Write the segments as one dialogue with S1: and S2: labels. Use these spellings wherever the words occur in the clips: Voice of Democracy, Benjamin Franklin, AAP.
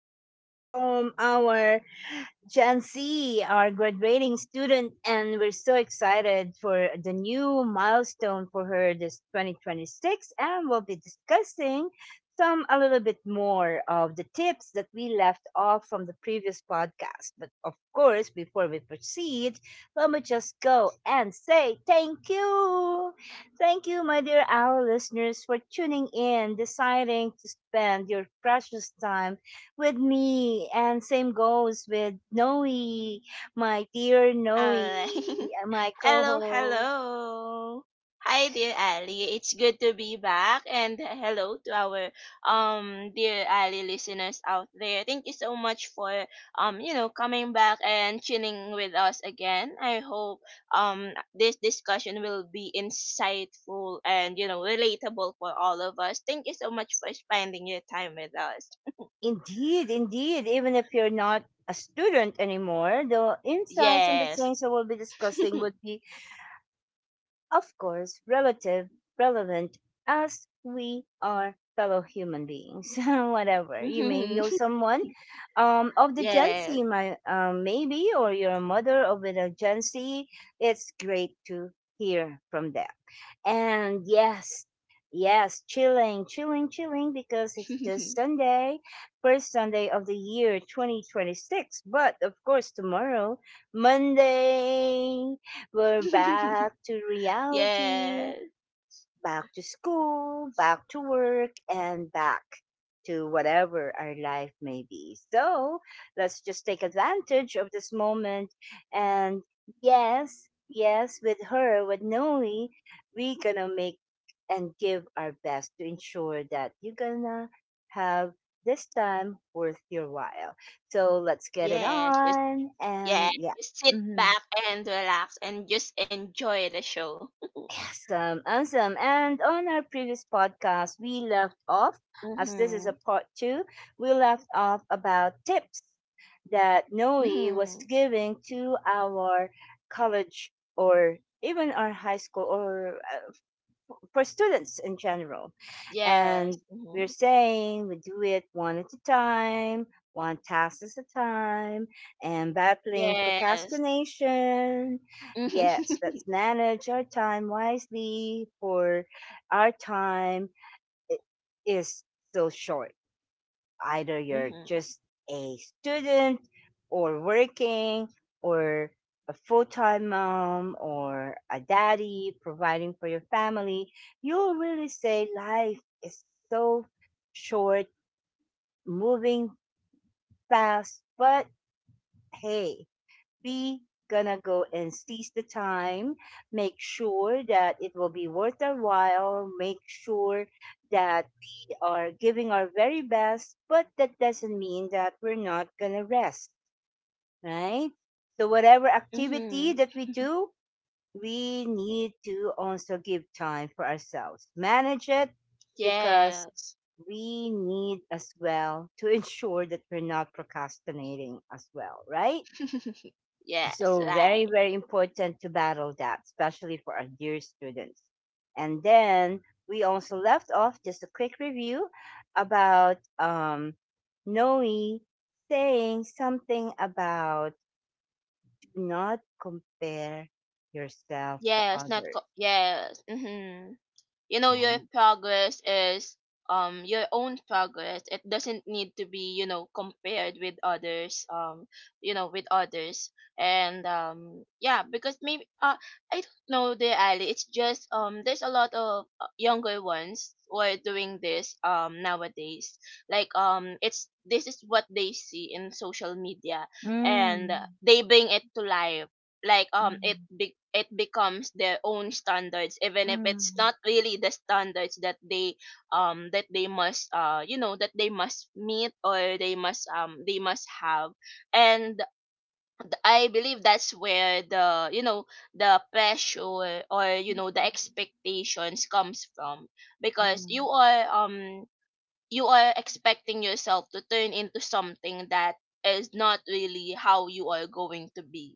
S1: two from our Gen Z are graduating student, and we're so excited for the new milestone for her this 2026. And we'll be discussing some a little bit more of the tips that we left off from the previous podcast. But of course, before we proceed, let me just go and say thank you. Thank you, my dear our listeners, for tuning in, deciding to spend your precious time with me and same goes with Noe, my dear Noe,
S2: Alright.
S1: my
S2: Hello, hello.
S1: co-host.
S2: Hi, dear Ali. It's good to be back, and hello to our dear Ali listeners out there. Thank you so much for coming back and tuning with us again. I hope this discussion will be insightful and relatable for all of us. Thank you so much for spending your time with us.
S1: Indeed, indeed, even if you're not a student anymore, the insights and the
S2: Yes.
S1: things that we'll be discussing would be of course, relative, relevant, as we are fellow human beings, whatever. You may know
S2: Mhm.
S1: someone of the Gen
S2: Yes.
S1: Z, my, maybe, or you're a mother of a Gen Z. It's great to hear from them. And yes, yes, chilling, chilling, chilling, because it's just Sunday, first Sunday of the year 2026. But of course, tomorrow, Monday. We're back to reality,
S2: Yes,
S1: back to school, back to work, and back to whatever our life may be. So let's just take advantage of this moment. And yes, yes, with her, with Noe, we gonna make and give our best to ensure that you're gonna have this time worth your while. So let's get it
S2: yes, just,
S1: on.
S2: yeah,
S1: And yeah.
S2: just sit
S1: Mhm.
S2: back and relax and just enjoy the show.
S1: Awesome, awesome. And on our previous podcast, we left off, as this is
S2: Mhm.
S1: a part two, we left off about tips that Noe was
S2: Mhm.
S1: giving to our college or even our high school or for students in general.
S2: Yes.
S1: And we're
S2: Mhm.
S1: saying we do it one at a time, one task at a time, and battling
S2: Yes.
S1: procrastination.
S2: Mhm.
S1: Yes, let's manage our time wisely, for our time i- is so short, either you're
S2: Mhm.
S1: just a student or working or a full-time mom or a daddy providing for your family. You'll really say life is so short, moving fast, but hey, be gonna go and seize the time, make sure that it will be worth our while, make sure that we are giving our very best, but that doesn't mean that we're not gonna rest, right? So whatever activity
S2: Mhm.
S1: that we do, we need to also give time for ourselves, manage it, because
S2: Yes.
S1: we need as well to ensure that we're not procrastinating as well, right?
S2: Yes,
S1: So very,
S2: right.
S1: very important to battle that, especially for our dear students. And then we also left off just a quick review about Noe saying something about do not compare yourself to
S2: Yes, not
S1: others.
S2: co- yes. Mhm. Your
S1: Yeah.
S2: progress is your own progress. It doesn't need to be compared with others, you know with others and yeah, because maybe I don't know the Ali, it's just there's a lot of younger ones who are doing this nowadays, like it's this is what they see in social media. And
S1: Mm.
S2: they bring it to life, like
S1: Mm.
S2: it becomes their own standards, even if it's
S1: Mm.
S2: not really the standards that they must you know that they must meet, or they must have. And I believe that's where the pressure, or the expectations comes from, because you
S1: Mm.
S2: are um you are expecting yourself to turn into something that is not really how you are going to be.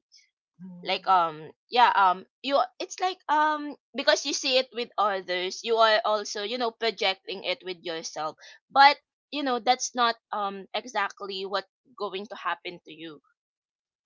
S2: Like
S1: Mm.
S2: yeah you it's like because you see it with others, you are also projecting it with yourself. But that's not exactly what going to happen to you.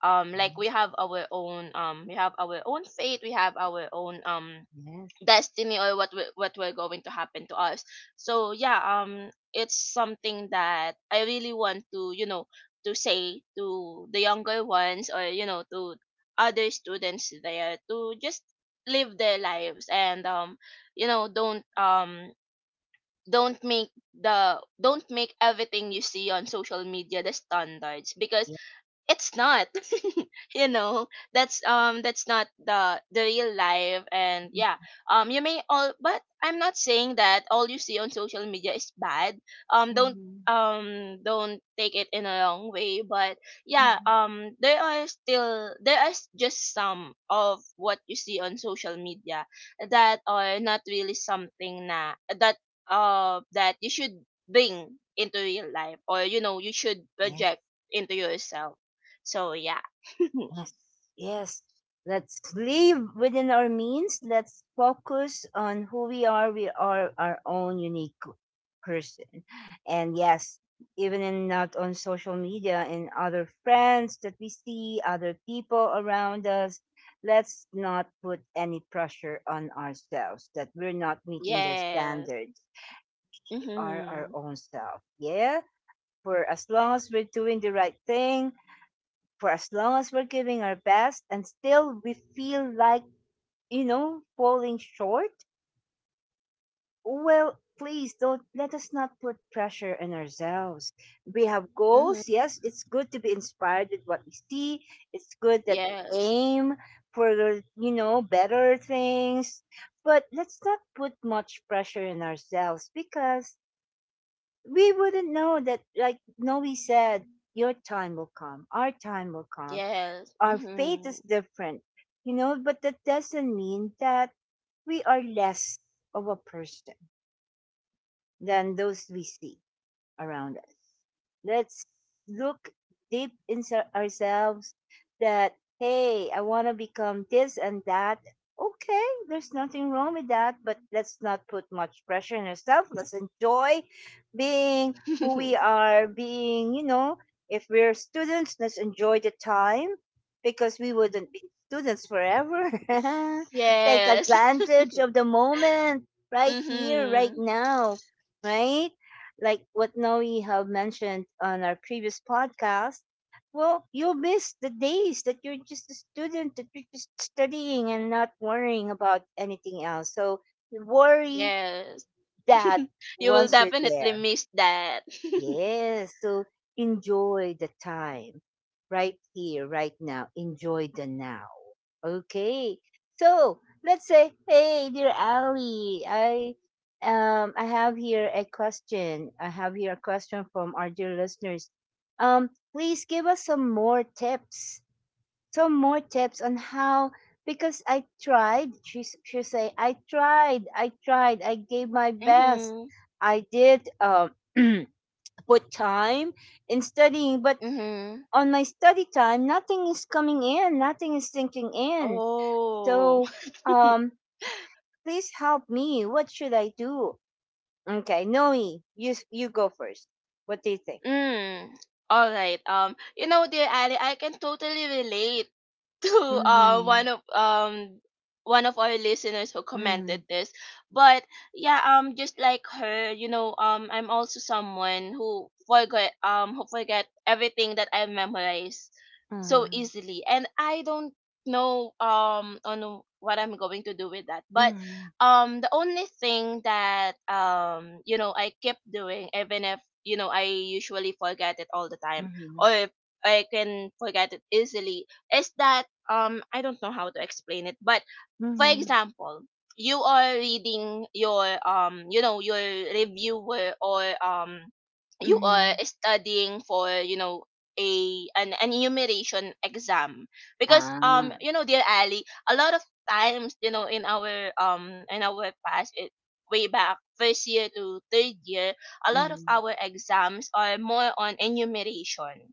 S2: Like we have our own we have our own fate, we have our own
S1: Yes.
S2: destiny, or what we're going to happen to us. So yeah, it's something that I really want to to say to the younger ones, or to other students there, to just live their lives, and you know don't um don't make the don't make everything you see on social media the standards, because
S1: Yes.
S2: it's not. you know that's that's not the real life. And yeah, you may all, but I'm not saying that all you see on social media is bad. Don't
S1: Mm.
S2: don't take it in a wrong way. But yeah, there are still there are s- just some of what you see on social media that are not really something na, that that you should bring into real life, or you should
S1: Mm.
S2: project into yourself. So yeah.
S1: Yes, yes. Let's live within our means. Let's focus on who we are. We are our own unique person. And yes, even in not on social media and other friends that we see, other people around us, let's not put any pressure on ourselves that we're not meeting their
S2: Yes.
S1: standards. We are our
S2: Mhm.
S1: own self. Yeah. For as long as we're doing the right thing, for as long as we're giving our best and still we feel like, you know, falling short, well, please don't let us not put pressure on ourselves. We have
S2: Mhm.
S1: goals. Yes, it's good to be inspired with what we see. It's good that we
S2: Yes.
S1: aim for, you know, better things. But let's not put much pressure on ourselves because we wouldn't know that, like Noe said, your time will come, our time will come,
S2: Yes.
S1: our faith is
S2: Mhm.
S1: different, you know, but that doesn't mean that we are less of a person than those we see around us. Let's look deep inside ourselves that, hey, I want to become this and that. Okay, there's nothing wrong with that, but let's not put much pressure on ourselves. Let's enjoy being who we are, being, you know, if we're students, let's enjoy the time because we wouldn't be students forever. Take
S2: Yes.
S1: advantage of the moment right here, right
S2: Mhm.
S1: now, right? Like what Noe have mentioned on our previous podcast, well, you'll miss the days that you're just a student, that you're just studying and not worrying about anything else. So worry
S2: Yes.
S1: that
S2: You will
S1: once you're
S2: definitely
S1: there.
S2: miss that.
S1: Yes. So enjoy the time right here, right now. Enjoy the now. Okay. So let's say, hey, dear Ali, I I have here a question. I have here a question from our dear listeners. Um, please give us some more tips. Some more tips on how because I tried. She say I tried. I tried. I gave my best.
S2: Mhm.
S1: I did. Put time in studying, but
S2: Mhm.
S1: on my study time, nothing is coming in, nothing is sinking in.
S2: Oh.
S1: So, um, please help me. What should I do? Okay, Noe, you go first. What do you think?
S2: Mm. All right. You know, dear Ali, I can totally relate to
S1: Mm-hmm.
S2: one of our listeners who
S1: Mm-hmm.
S2: commented this. But yeah, just like her, you know, I'm also someone who forget, who forget everything that I memorize so
S1: Mm-hmm.
S2: easily. And I don't know on what I'm going to do with that. But the only thing that, you know, I keep doing, even if, you know, I usually forget it all the time,
S1: Mm-hmm.
S2: or I can forget it easily, is that I don't know how to explain it, but for
S1: Mm-hmm.
S2: example, you are reading your you know, your reviewer, or you
S1: Mm-hmm.
S2: are studying for, you know, an enumeration exam. Because
S1: Ah.
S2: you know, dear Ali, a lot of times, you know, in our past, it way back first year to third year, a lot of
S1: Mm-hmm.
S2: our exams are more on enumeration,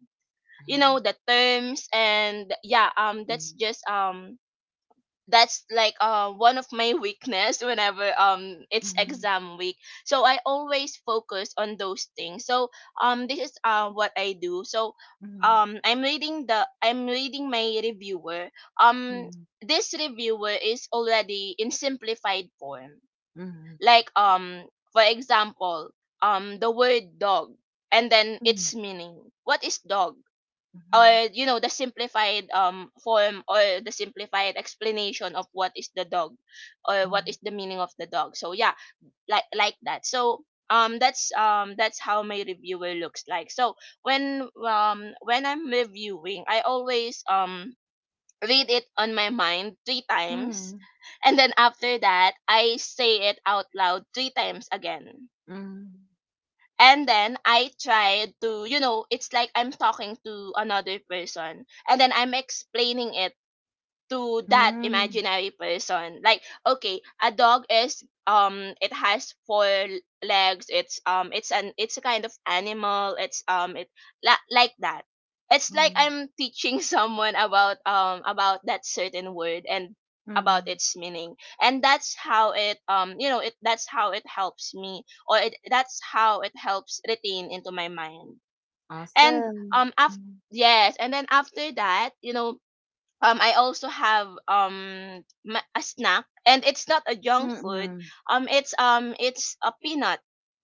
S2: you know, the terms. And yeah,
S1: Mm-hmm.
S2: that's like one of my weakness whenever it's
S1: Mm-hmm.
S2: exam week. So I always focus on those things. So this is what I do. So I'm reading my reviewer. um
S1: Mm-hmm.
S2: this reviewer is already in simplified form.
S1: Mm-hmm.
S2: Like for example, the word dog, and then its meaning, what is dog, or you know, the simplified form, or the simplified explanation of what is the dog, or what
S1: Mm-hmm.
S2: is the meaning of the dog. So yeah, like that. So that's how my reviewer looks like. So when I'm reviewing, I always read it on my mind three times,
S1: Mm-hmm.
S2: and then after that I say it out loud three times again. And then I tried to, you know, it's like I'm talking to another person, and then I'm explaining it to that
S1: Mm-hmm.
S2: imaginary person, like okay, a dog is it has four legs, it's a kind of animal, it's it like that. It's like
S1: Mm,
S2: I'm teaching someone about that certain word and about
S1: mm.
S2: its meaning. And that's how it that's how it helps me, or it, that's how it helps retain into my mind. And
S1: Awesome.
S2: after,
S1: Mm,
S2: yes, and then after that, you know, I also have a snack, and it's not a junk food.
S1: mm,
S2: It's a peanut,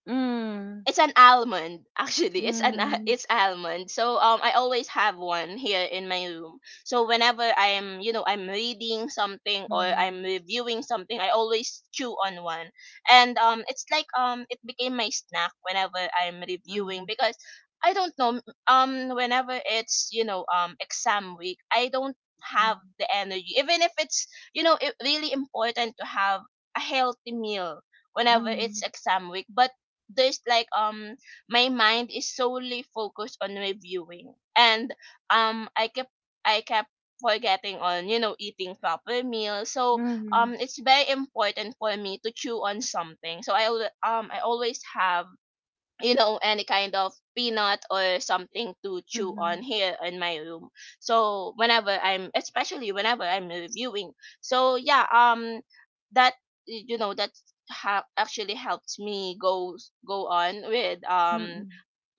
S1: mm,
S2: it's an almond, actually. It's
S1: mm,
S2: it's almond. So I always have one here in my room. So whenever I'm, you know, I'm reading something or
S1: mm,
S2: I'm reviewing something, I always chew on one. And it's like it became my snack whenever I'm reviewing,
S1: mhm,
S2: because I don't know, whenever it's, you know, exam week, I don't have the energy. Even if it's, you know, it really important to have a healthy meal whenever it's
S1: mm,
S2: exam week. But there's like my mind is solely focused on reviewing, and um i kept I kept forgetting on, you know, eating proper meals. So
S1: mm,
S2: it's very important for me to chew on something. So I always have, you know, any kind of peanut or something to chew on
S1: mhm,
S2: here in my room. So whenever I'm, especially whenever I'm reviewing. So yeah, that, you know, that actually helped me go go on with
S1: mhm, mm,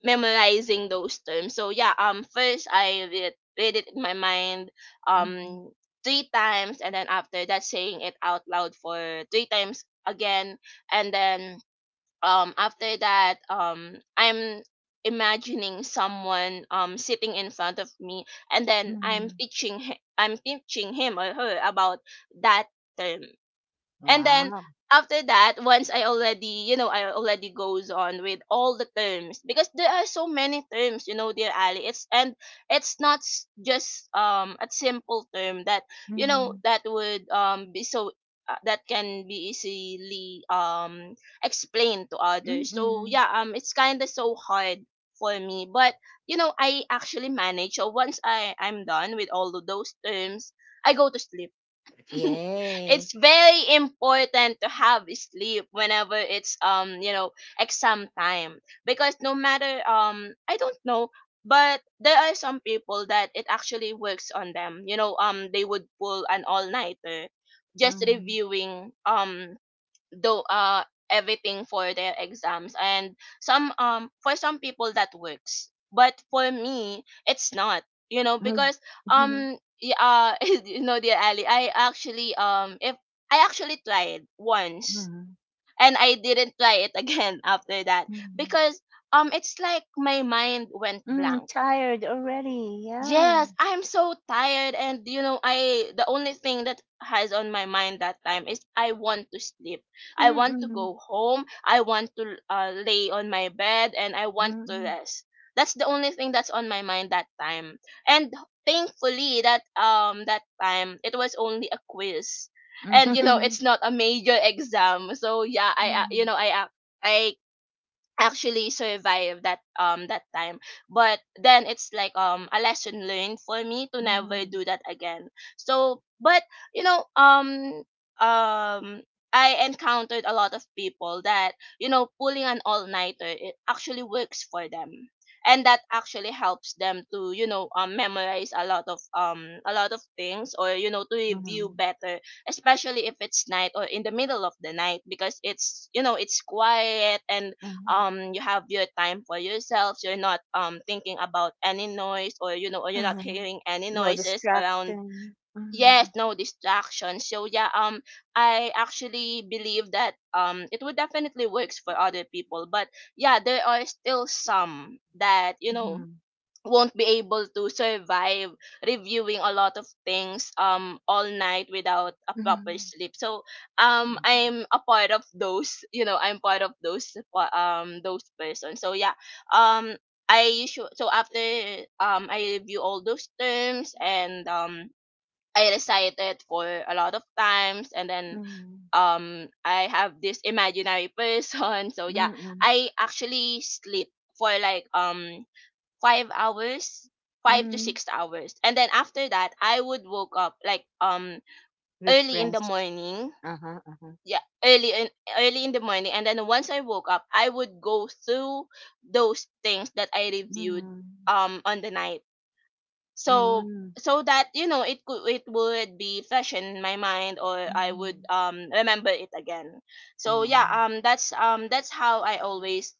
S2: memorizing those terms. So yeah, first I read, read it in my mind
S1: mhm,
S2: um three times, and then after that, saying it out loud for three times again. And then after that, I'm imagining someone sitting in front of me, and then
S1: mhm.
S2: I'm teaching him or her about that term. And then
S1: Wow.
S2: after that, once I already, you know, I already goes on with all the terms, because there are so many terms, you know, dear Ali. It's, and it's not just a simple term that, you know,
S1: Mhm,
S2: that would be so that can be easily explained to others. So
S1: mhm.
S2: yeah, it's kind of so hard for me. But you know, I actually manage. So once I'm done with all of those terms, I go to sleep.
S1: Yay.
S2: It's very important to have sleep whenever it's you know, exam time. Because no matter I don't know, but there are some people that it actually works on them, you know, they would pull an all nighter just
S1: Mhm,
S2: reviewing though everything for their exams. And some for some people that works, but for me it's not, you know,
S1: mhm,
S2: because
S1: mhm,
S2: yeah, you know, dear Ali, I actually if I actually tried once
S1: mhm,
S2: and I didn't try it again after that.
S1: mhm.
S2: Because it's like my mind went
S1: Mm,
S2: blank.
S1: tired already. Yeah.
S2: Yes, I'm so tired, and you know, I the only thing that has on my mind that time is I want to sleep. I want to
S1: Mm-mm.
S2: go home. I want to lay on my bed, and I want to
S1: Mm-mm.
S2: rest. That's the only thing that's on my mind that time. And thankfully that time it was only a quiz. And you know it's not a major exam. So yeah, I you
S1: Mm-hmm.
S2: know I actually survive that time, but then it's like a lesson learned for me to never
S1: Mm-hmm.
S2: do that again. So, but you know um um I encountered a lot of people that pulling an all nighter, it actually works for them, and that actually helps them to memorize a lot of things, or to review
S1: Hmm.
S2: better, especially if it's night or in the middle of the night, because it's quiet, and you have your time for yourself. You're not thinking about any noise, or you're not
S1: Hmm.
S2: hearing any
S1: No
S2: noises around.
S1: distraction.
S2: Yes,
S1: Mm,
S2: no distractions. So yeah, I actually believe that it would definitely works for other people, but yeah, there are still some that
S1: mhm,
S2: won't be able to survive reviewing a lot of things all night without a proper
S1: mhm,
S2: sleep. So I'm a part of those, you know I'm part of those pa- those persons. So yeah, um I usually, so after I review all those terms, and I recite it for a lot of times, and then
S1: mhm.
S2: I have this imaginary person. So yeah,
S1: Hmm.
S2: I actually sleep for like 5 hours, five to
S1: Hmm.
S2: six hours and then after that I would woke up like early in the
S1: Refreshed.
S2: morning.
S1: Uh-huh, uh-huh.
S2: Yeah, early in the morning. And then once I woke up, I would go through those things that I reviewed
S1: Mm,
S2: on the night. so
S1: mm,
S2: so that, you know, it would be fresh in my mind, or I would
S1: mhm.
S2: remember it again. So
S1: Yeah.
S2: yeah, that's how I always.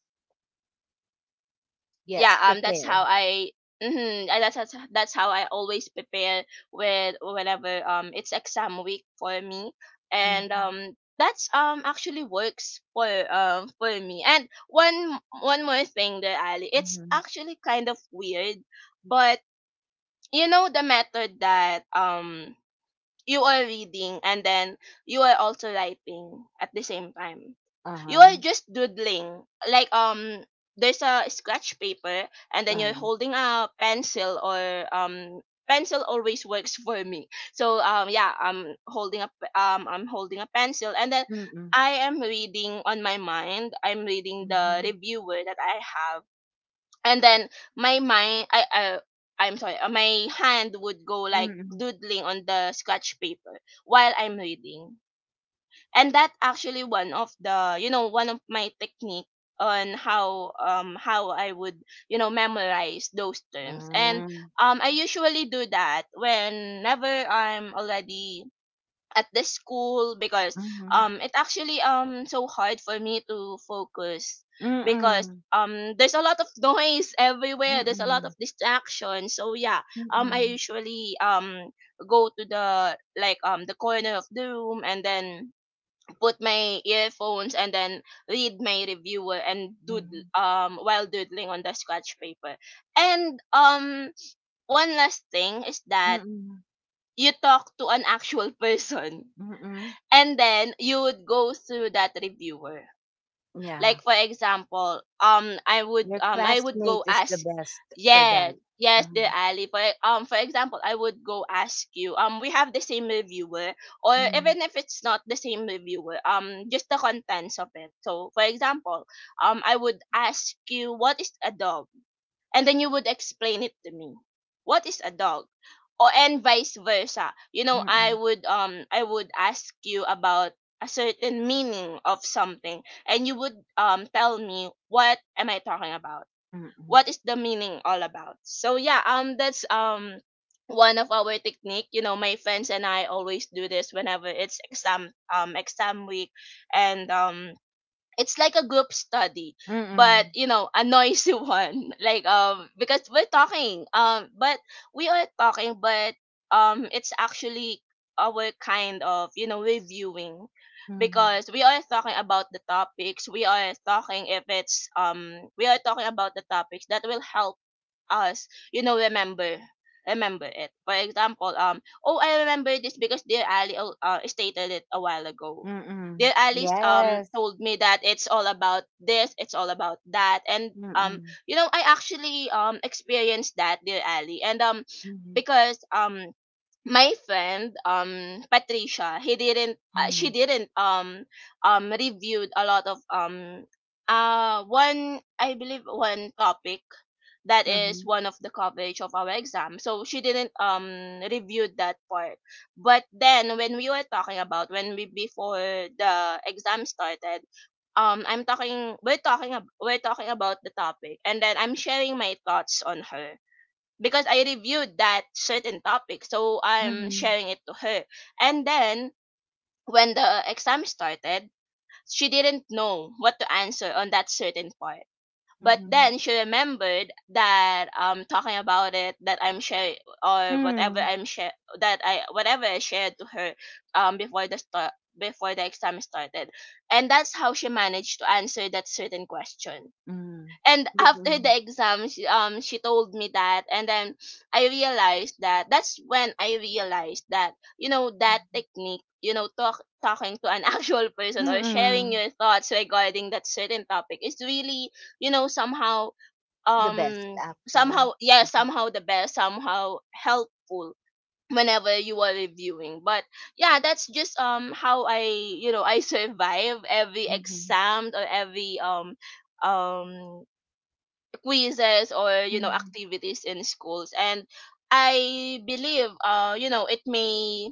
S2: Yeah,
S1: Yes,
S2: that's how
S1: prepare.
S2: I. Mm-hmm, and that's how I always prepare with whenever it's exam week for me. And
S1: Mhm,
S2: that's actually works for me. And one more thing there, Ali, it's
S1: mhm.
S2: actually kind of weird. But you know the method that you are reading and then you are also writing at the same time. You are
S1: Uh-huh,
S2: just doodling. Like, there's a scratch paper, and then you're
S1: uh-huh.
S2: holding a pencil, or pencil always works for me. So yeah, I'm holding a I'm holding a pencil, and then
S1: Mm-mm,
S2: I am reading on my mind. I'm reading the
S1: mhm,
S2: reviewer that I have, and then my mind I I'm sorry, my hand would go like
S1: mm-mm.
S2: doodling on the scratch paper while I'm reading. And that actually, one of the you know one of my technique on how I would memorize those terms. And
S1: Um,
S2: I usually do that whenever I'm already at the school, because
S1: mhm,
S2: it actually so hard for me to focus, because
S1: mm-mm,
S2: there's a lot of noise everywhere, there's a lot of
S1: mm-mm,
S2: distraction. So yeah, I
S1: mm-mm,
S2: usually go to the, like, the corner of the room, and then put my earphones, and then read my reviewer and doodle
S1: mm-mm,
S2: while doodling on the scratch paper. And one last thing is that
S1: mm-mm.
S2: you talk to an actual person,
S1: Mm-mm.
S2: and then you would go to that reviewer. Like,
S1: Yeah.
S2: for example, I would,
S1: Your
S2: I would go
S1: classmate is
S2: ask.
S1: the best for
S2: Yes,
S1: them.
S2: yes, dear
S1: Mhm.
S2: Ali, for for example, I would go ask you, we have the same reviewer, or even
S1: Mm.
S2: if it's not the same reviewer, just the contents of it. So, for example, I would ask you, what is a dog? And then you would explain it to me, what is a dog? Or, and vice versa, you know, I
S1: Mm-mm.
S2: would, I would ask you about a certain meaning of something, and you would tell me what am I talking about,
S1: Mm-mm.
S2: what is the meaning all about. So yeah, that's one of our technique. You know, my friends and I always do this whenever it's exam, exam week. And it's like a group study, but
S1: Mm-mm.
S2: you know, a noisy one. Like, because we're talking but we are talking but it's actually our kind of, reviewing,
S1: Mhm.
S2: because we are talking about the topics, we are talking if it's we are talking about the topics that will help us, remember it. For example, oh, I remember this because dear Ali stated it a while ago.
S1: Mm-mm.
S2: Dear Ali
S1: Yes.
S2: told me that it's all about this, it's all about that, and
S1: Mm-mm.
S2: I actually experienced that, dear Ali, and
S1: Mhm.
S2: because my friend Patricia, he didn't
S1: Mhm.
S2: she didn't reviewed a lot of one, I believe one topic that is
S1: Mhm.
S2: one of the coverage of our exam, so she didn't review that part. But then, when we were talking about when we before the exam started, I'm talking we're talking ab- we're talking about the topic, and then I'm sharing my thoughts on her, because I reviewed that certain topic. So I'm
S1: Mhm.
S2: sharing it to her. And then when the exam started, she didn't know what to answer on that certain part. But
S1: Mhm.
S2: then she remembered that talking about it, that I'm sharing or whatever
S1: Mm.
S2: I'm share that I whatever I shared to her um before the start before the exam started. And that's how she managed to answer that certain question.
S1: Mm.
S2: And
S1: Big-
S2: after the
S1: mm.
S2: exam, she told me that. And then I realized that that's when I realized that, you know, that technique, talking to an actual person, or sharing
S1: Mm-mm.
S2: your thoughts regarding that certain topic, is really, somehow,
S1: The best,
S2: um
S1: actually.
S2: somehow yeah
S1: Mhm.
S2: somehow the best, somehow helpful, whenever you are reviewing. But yeah, that's just how I, I survive every
S1: Mhm.
S2: exam, or every um quizzes, or you know, activities in schools. And I believe, it may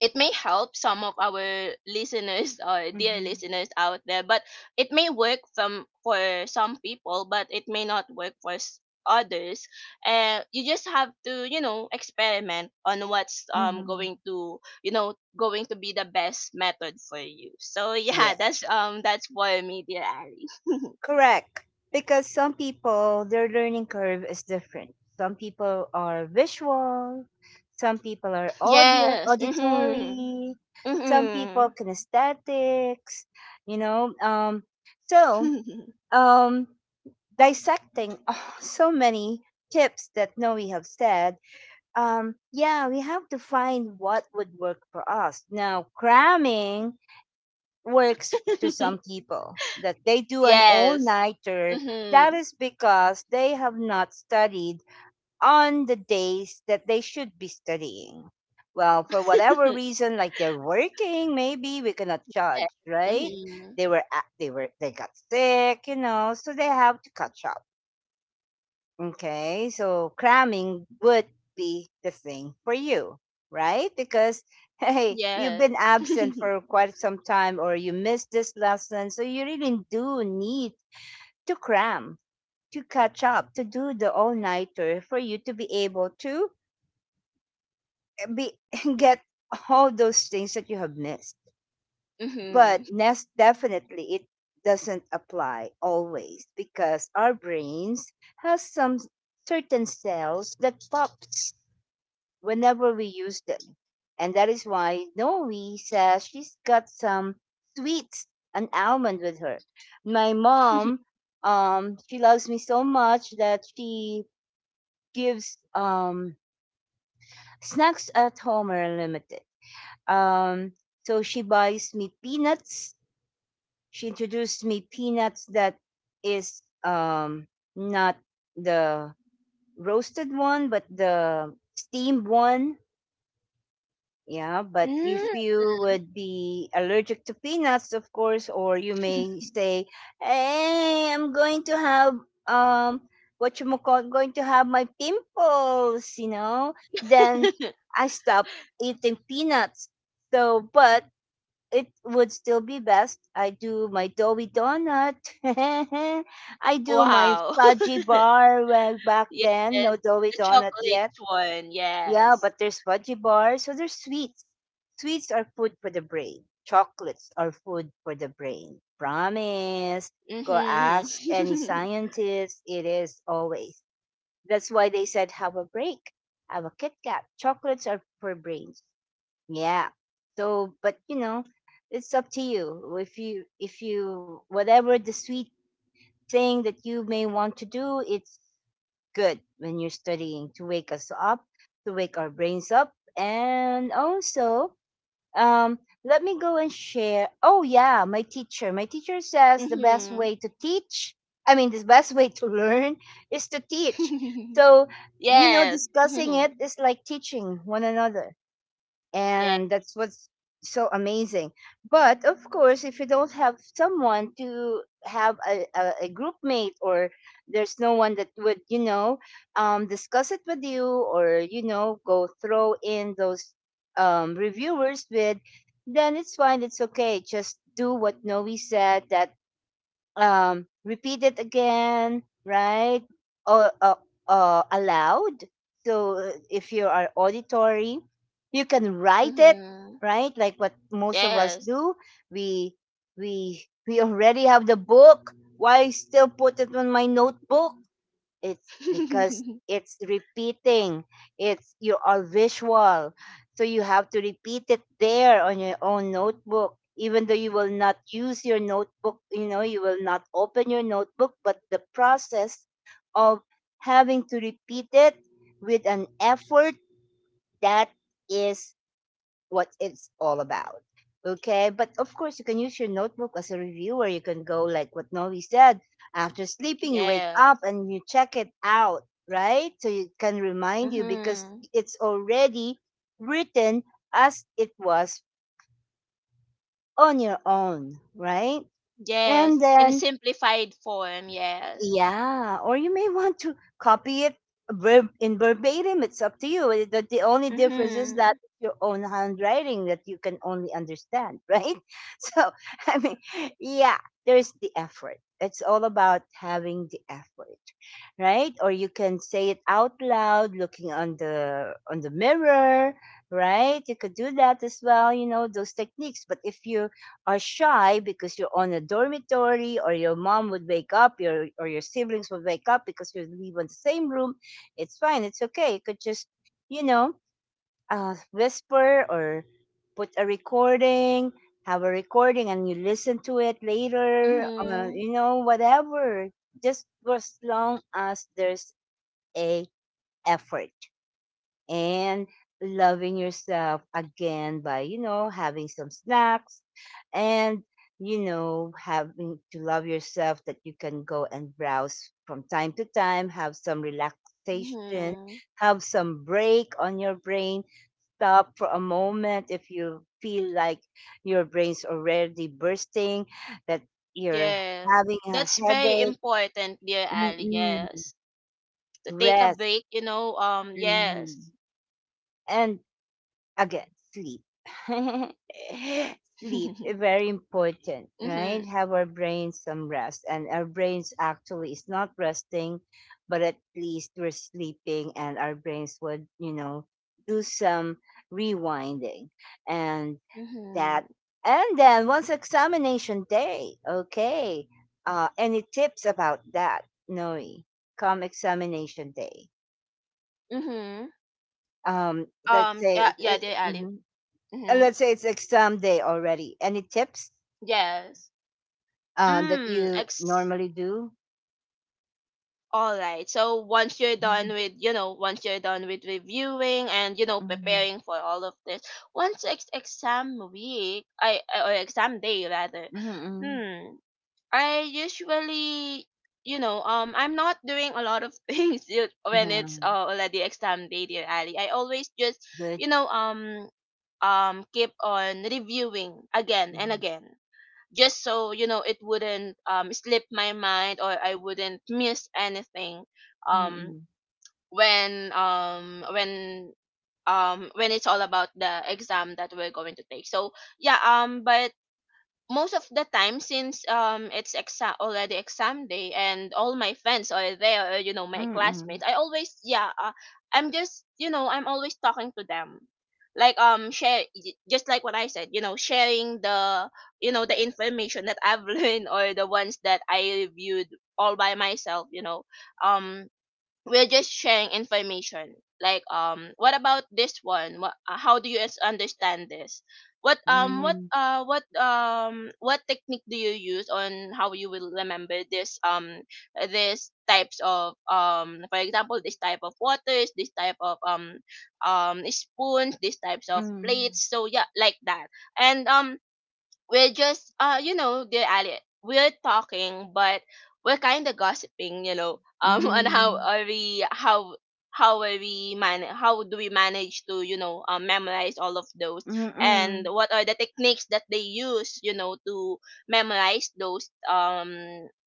S2: it may help some of our listeners, or dear
S1: Mhm.
S2: listeners out there. But it may work some for some people, but it may not work for others. You just have to, experiment on what's
S1: Mhm.
S2: going to, going to be the best method for you. So yeah,
S1: Mhm.
S2: that's for me, dear Ali.
S1: Correct. Because some people, their learning curve is different. Some people are visual, some people are audio,
S2: Yes. Mm-hmm.
S1: auditory, some
S2: Mm-hmm.
S1: people kinesthetics, you know. So, um, dissecting oh, so many tips that Noe have said, yeah, we have to find what would work for us. Now, cramming works to some people that they do an
S2: Yes.
S1: all-nighter, that
S2: Mm-hmm.
S1: is because they have not studied on the days that they should be studying well, for whatever reason, like they're working, maybe we cannot
S2: Yes.
S1: judge, right?
S2: Mm-hmm.
S1: They were they got sick, you know, so they have to catch up. Okay, so cramming would be the thing for you, right? Because hey, you've been
S2: Yes.
S1: absent for quite some time or you missed this lesson, so you really do need to cram, to catch up, to do the all-nighter for you to be able to be get all those things that you have missed.
S2: Mm-hmm.
S1: But nest definitely it doesn't apply always because our brains has some certain cells that pop whenever we use them. And that is why Noe says she's got some sweets, an almond with her. My mom, she loves me so much that she gives snacks at home are limited. Um, so she buys me peanuts. She introduced me peanuts that is not the roasted one, but the steamed one. Yeah, but if
S2: Mm.
S1: you would be allergic to peanuts, of course, or you may say, "Hey, I'm going to have um, what you call, going to have my pimples," you know. Then I stop eating peanuts. So, but it would still be best. I do my doughy donut. I do my
S2: Wow.
S1: fudgy bar, well, back
S2: Yes.
S1: then. No doughy
S2: The
S1: donut
S2: chocolate
S1: yet.
S2: one.
S1: Yeah,
S2: Yes.
S1: but there's fudgy bars, so there's sweets. Sweets are food for the brain. Chocolates are food for the brain. Promise. Go ask any
S2: Mm-hmm.
S1: scientist. It is always. That's why they said have a break. Have a Kit Kat. Chocolates are for brains. Yeah. So, but you know, it's up to you. If you, whatever the sweet thing that you may want to do, it's good when you're studying to wake us up, to wake our brains up. And also, um, let me go and share. Oh, yeah, my teacher. My teacher says the best
S2: Mm-hmm.
S1: way to teach, I mean, the best way to learn is to teach. So, you know,
S2: Yes.
S1: discussing
S2: Mm-hmm.
S1: it is like teaching one another
S2: Yes.
S1: and that's what's so amazing, but of course if you don't have someone to have a group mate or there's no one that would, you know, discuss it with you or you know go throw in those reviewers with, then it's fine, it's okay, just do what Noe said that repeat it again, right? Or aloud. So if you are auditory, you can write it,
S2: Mm-hmm.
S1: right? Like what most of us
S2: Yes.
S1: do, we we already have the book, why still put it on my notebook? It's because it's repeating. It's you are visual, so you have to repeat it there on your own notebook, even though you will not use your notebook, you know, you will not open your notebook, but the process of having to repeat it with an effort, that is what it's all about. Okay, but of course, you can use your notebook as a reviewer. You can go like what Novi said after sleeping, you wake up
S2: Yes.
S1: and you check it out, right? So it can remind you because
S2: Mm-hmm.
S1: it's already written as it was on your own, right? And
S2: Yes. In a
S1: then
S2: simplified form. Yes.
S1: yeah, or you may want to copy it verbatim. It's up to you. The only difference is that
S2: Mhm.
S1: it's your own handwriting that you can only understand, right? So, I mean, yeah, there's the effort. It's all about having the effort, right? Or you can say it out loud, looking on the mirror, right? You could do that as well. You know those techniques. But if you are shy because you're on a dormitory or your mom would wake up your or your siblings would wake up because you live in the same room, it's fine, it's okay, you could just you know whisper or put a recording, have a recording and you listen to it later,
S2: Mhm.
S1: you know, whatever. Just for as long as there's a effort, and loving yourself again by you know having some snacks, and you know having to love yourself, that you can go and browse from time to time, have some relaxation,
S2: Mhm.
S1: have some break on your brain, stop for a moment if you feel like your brain's already bursting, that you're
S2: Yes.
S1: having a
S2: That's very
S1: headache.
S2: important, dear
S1: Mm,
S2: Ali.
S1: mm.
S2: Yes. To take a
S1: Rest.
S2: break,
S1: Mm.
S2: yes.
S1: And again, sleep. Sleep, eh, very important,
S2: Mhm.
S1: right? Have our brains some rest. And our brains actually is not resting, but at least we're sleeping and our brains would, you know, do some rewinding and that.
S2: Mhm.
S1: And then once examination day, okay. Any tips about that, Noe? Come examination day.
S2: Mhm.
S1: Let's
S2: Yeah,
S1: say,
S2: yeah, dear Ali.
S1: mhm, and
S2: Mhm.
S1: let's say it's exam day already. Any tips
S2: Yes.
S1: that
S2: Mm,
S1: you normally do?
S2: all right. So, once you're done
S1: Mhm,
S2: with, you know, once you're done with reviewing, and
S1: mhm,
S2: preparing for all of this, once exam week, I, or exam day rather.
S1: mhm, mhm.
S2: Hmm. I usually, you know, I'm not doing a lot of things yet when
S1: Yeah,
S2: it's already exam day, dear Ali. I always just,
S1: good.
S2: you know, um, keep on reviewing again and
S1: Mhm,
S2: again, just so you know it wouldn't slip my mind, or I wouldn't miss anything, um, when um when when it's all about the exam that we're going to take. So yeah, but most of the time, since it's exam already exam day, and all my friends are there, or you know, my
S1: mhm,
S2: classmates, I always, yeah, I'm just you know I'm always talking to them, like, just like what I said, sharing the, the information that I've learned, or the ones that I reviewed all by myself. Um we're just sharing information. Like, what about this one? How do you understand this? what um what
S1: mhm,
S2: uh what um what technique do you use on how you will remember this? This types of, for example, this type of waters, this type of spoons, these types of
S1: mhm,
S2: plates. So yeah, like that. And we're just, you know, dear Ali, we're talking, but we're kind of gossiping,
S1: mhm,
S2: on
S1: mhm,
S2: how are we, man, how do we manage to, memorize all of those,
S1: mhm,
S2: and what are the techniques that they use, you know, to memorize those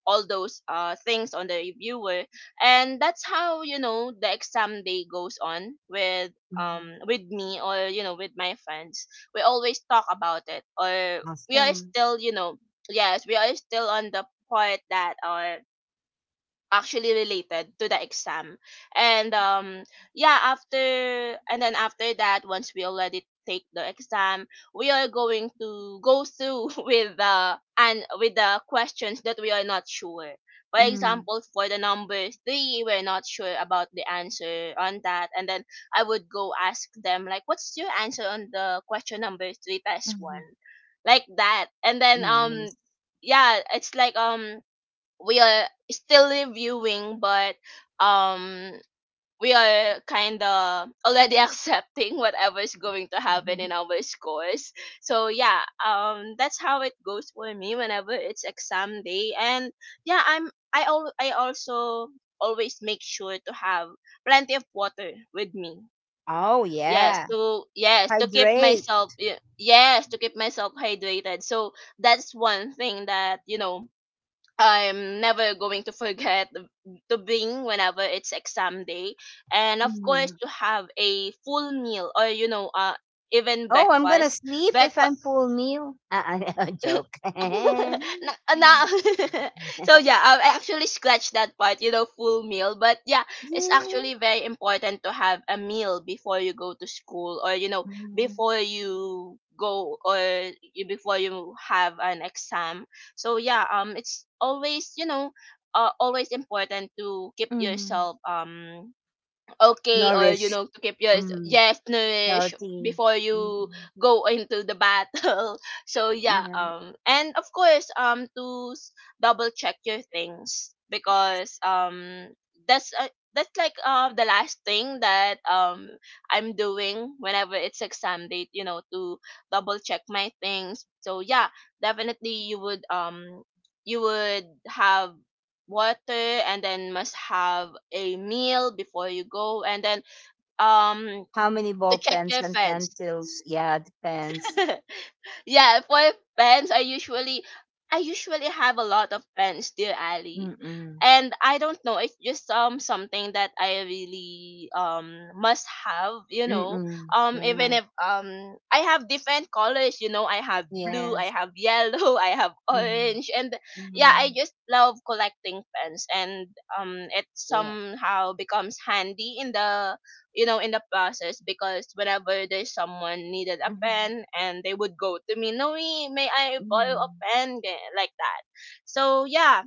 S2: all those things on the reviewer. And that's how, the exam day goes on
S1: mhm.
S2: with me, or with my friends. We always talk about it, or we are
S1: Awesome.
S2: still you know yes, we are still on the part that actually related to the exam. And yeah, after and then after that, once we already take the exam, we are going to go through with the, and with the questions that we are not sure. For
S1: Mm,
S2: example, for the number 3, we're not sure about the answer on that, and then I would go ask them, like, what's your answer on the question number 3, test
S1: mhm.
S2: one Like that. And then
S1: Nice.
S2: yeah, it's like, we are still reviewing, but um, we are kind of already accepting whatever is going to happen in our scores. So yeah, that's how it goes for me whenever it's exam day. And yeah, I also always make sure to have plenty of water with me.
S1: Oh
S2: Yes,
S1: yeah, hydrate.
S2: to keep myself hydrated. So that's one thing that, I'm never going to forget to bring whenever it's exam day, and of course
S1: Mhm.
S2: to have a full meal or even
S1: Oh, I'm gonna
S2: breakfast.
S1: sleep if
S2: Breakfast
S1: I'm full meal. Joke.
S2: na, na- so yeah, I actually scratched that part, you know, full meal. But yeah, it's
S1: Yeah.
S2: actually very important to have a meal before you go to school, or before you go or before you have an exam. So yeah, it's always always important to keep
S1: Mhm.
S2: yourself okay or
S1: Nourish.
S2: to keep your
S1: Mhm.
S2: yes nourished
S1: Healthy.
S2: before
S1: Mm.
S2: you go into the battle. So yeah,
S1: Yeah.
S2: and of course double check your things because that's uh, that's like the last thing that I'm doing whenever it's exam date, you know, to double check my things. So yeah, definitely you would have water and then must have a meal before you go, and then um
S1: How many
S2: to
S1: ball
S2: check
S1: pens
S2: your
S1: and
S2: fence.
S1: pencils? Yeah, depends.
S2: Yeah, for pens, I usually have a lot of pens, dear Ali.
S1: Mm-mm.
S2: And I don't know, it's just something that I really must have, you know.
S1: Mm-mm.
S2: Even
S1: Yeah.
S2: if I have different colors, you know, I have blue, I
S1: Yes.
S2: have yellow, I have
S1: Mm-hmm.
S2: orange, and yeah,
S1: Mm-hmm.
S2: I just love collecting pens. And it
S1: Yes.
S2: somehow becomes handy in the in the process, because whenever there's someone needed a
S1: Mm-hmm.
S2: pen and they would go to me, noe, may I borrow
S1: Mm-hmm.
S2: a pen, Ga-, like that. So yeah,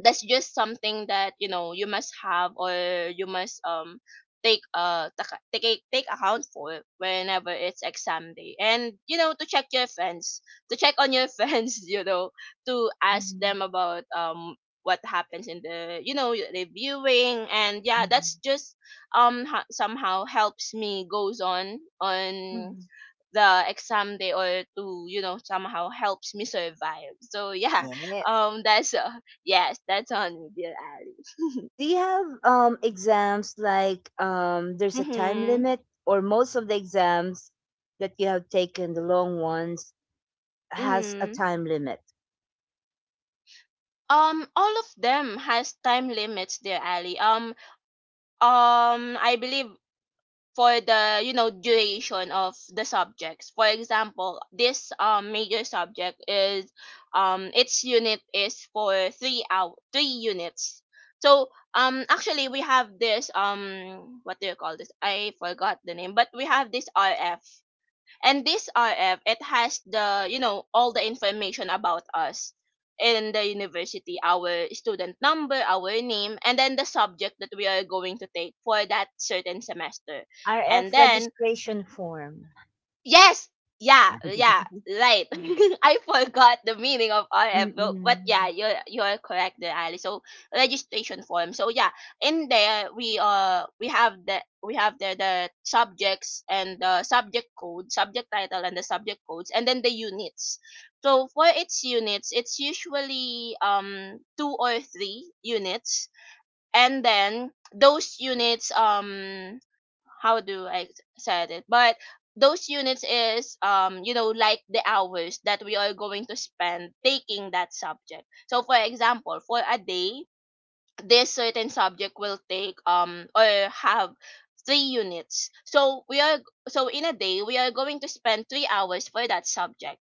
S2: that's just something that, you know, you must have, or you must take take account for whenever it's exam day, and you know, to check your friends, to check on your friends, you know, to ask
S1: Mm-hmm.
S2: them about what happens in the, you know, reviewing. And yeah,
S1: Mm-hmm.
S2: that's just somehow helps me goes on
S1: Mm-hmm.
S2: the exam day, or to, you know, somehow helps me survive. So yeah,
S1: Yes.
S2: that's yes, that's on me, dear Ali.
S1: Do you have exams like there's a time
S2: Mm-hmm.
S1: limit, or most of the exams that you have taken, the long ones, has a
S2: Mm-hmm.
S1: time limit?
S2: All of them has time limits, dear Ali. Um, I believe for the, you know, duration of the subjects. For example, this major subject is its unit is for 3 out 3 units. So actually we have this what do you call this, I forgot the name, but we have this rf, and this rf, it has the, you know, all the information about us in the university, our student number, our name, and then the subject that we are going to take for that certain semester. And
S1: RF,
S2: then
S1: registration form.
S2: yes. Yeah. Yeah. Right. I forgot the meaning of RFO, but yeah,
S1: Mm-mm.
S2: you're correct there, Ali. So, registration form. So yeah, in there we have the we have there the subjects and the subject code, subject title and the subject codes, and then the units. So for its units, it's usually two or three units, and then those units how do I said it? But those units is you know, like the hours that we are going to spend taking that subject. So for example, for a day, this certain subject will take or have three units. So we are, so in a day we are going to spend 3 hours for that subject.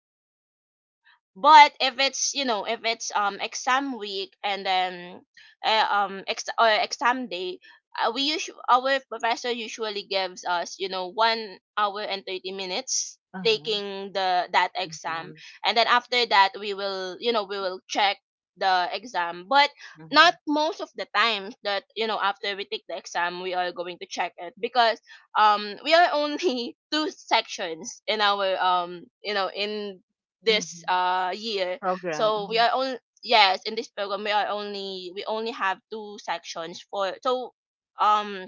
S2: But if it's, you know, if it's exam week, and then ex- or exam day, we usually, our professor usually gives us, you know, 1 hour and 30 minutes
S1: Uh-huh.
S2: taking the that exam,
S1: Exam.
S2: and then after that we will, you know, we will check the exam. But not
S1: Mhm.
S2: most of the time that, you know, after we take the exam we are going to check it, because we are only two sections in our you know, in this
S1: Mhm.
S2: year. So we
S1: Program.
S2: are on, yes, in this program we are only, we only have two sections for. So um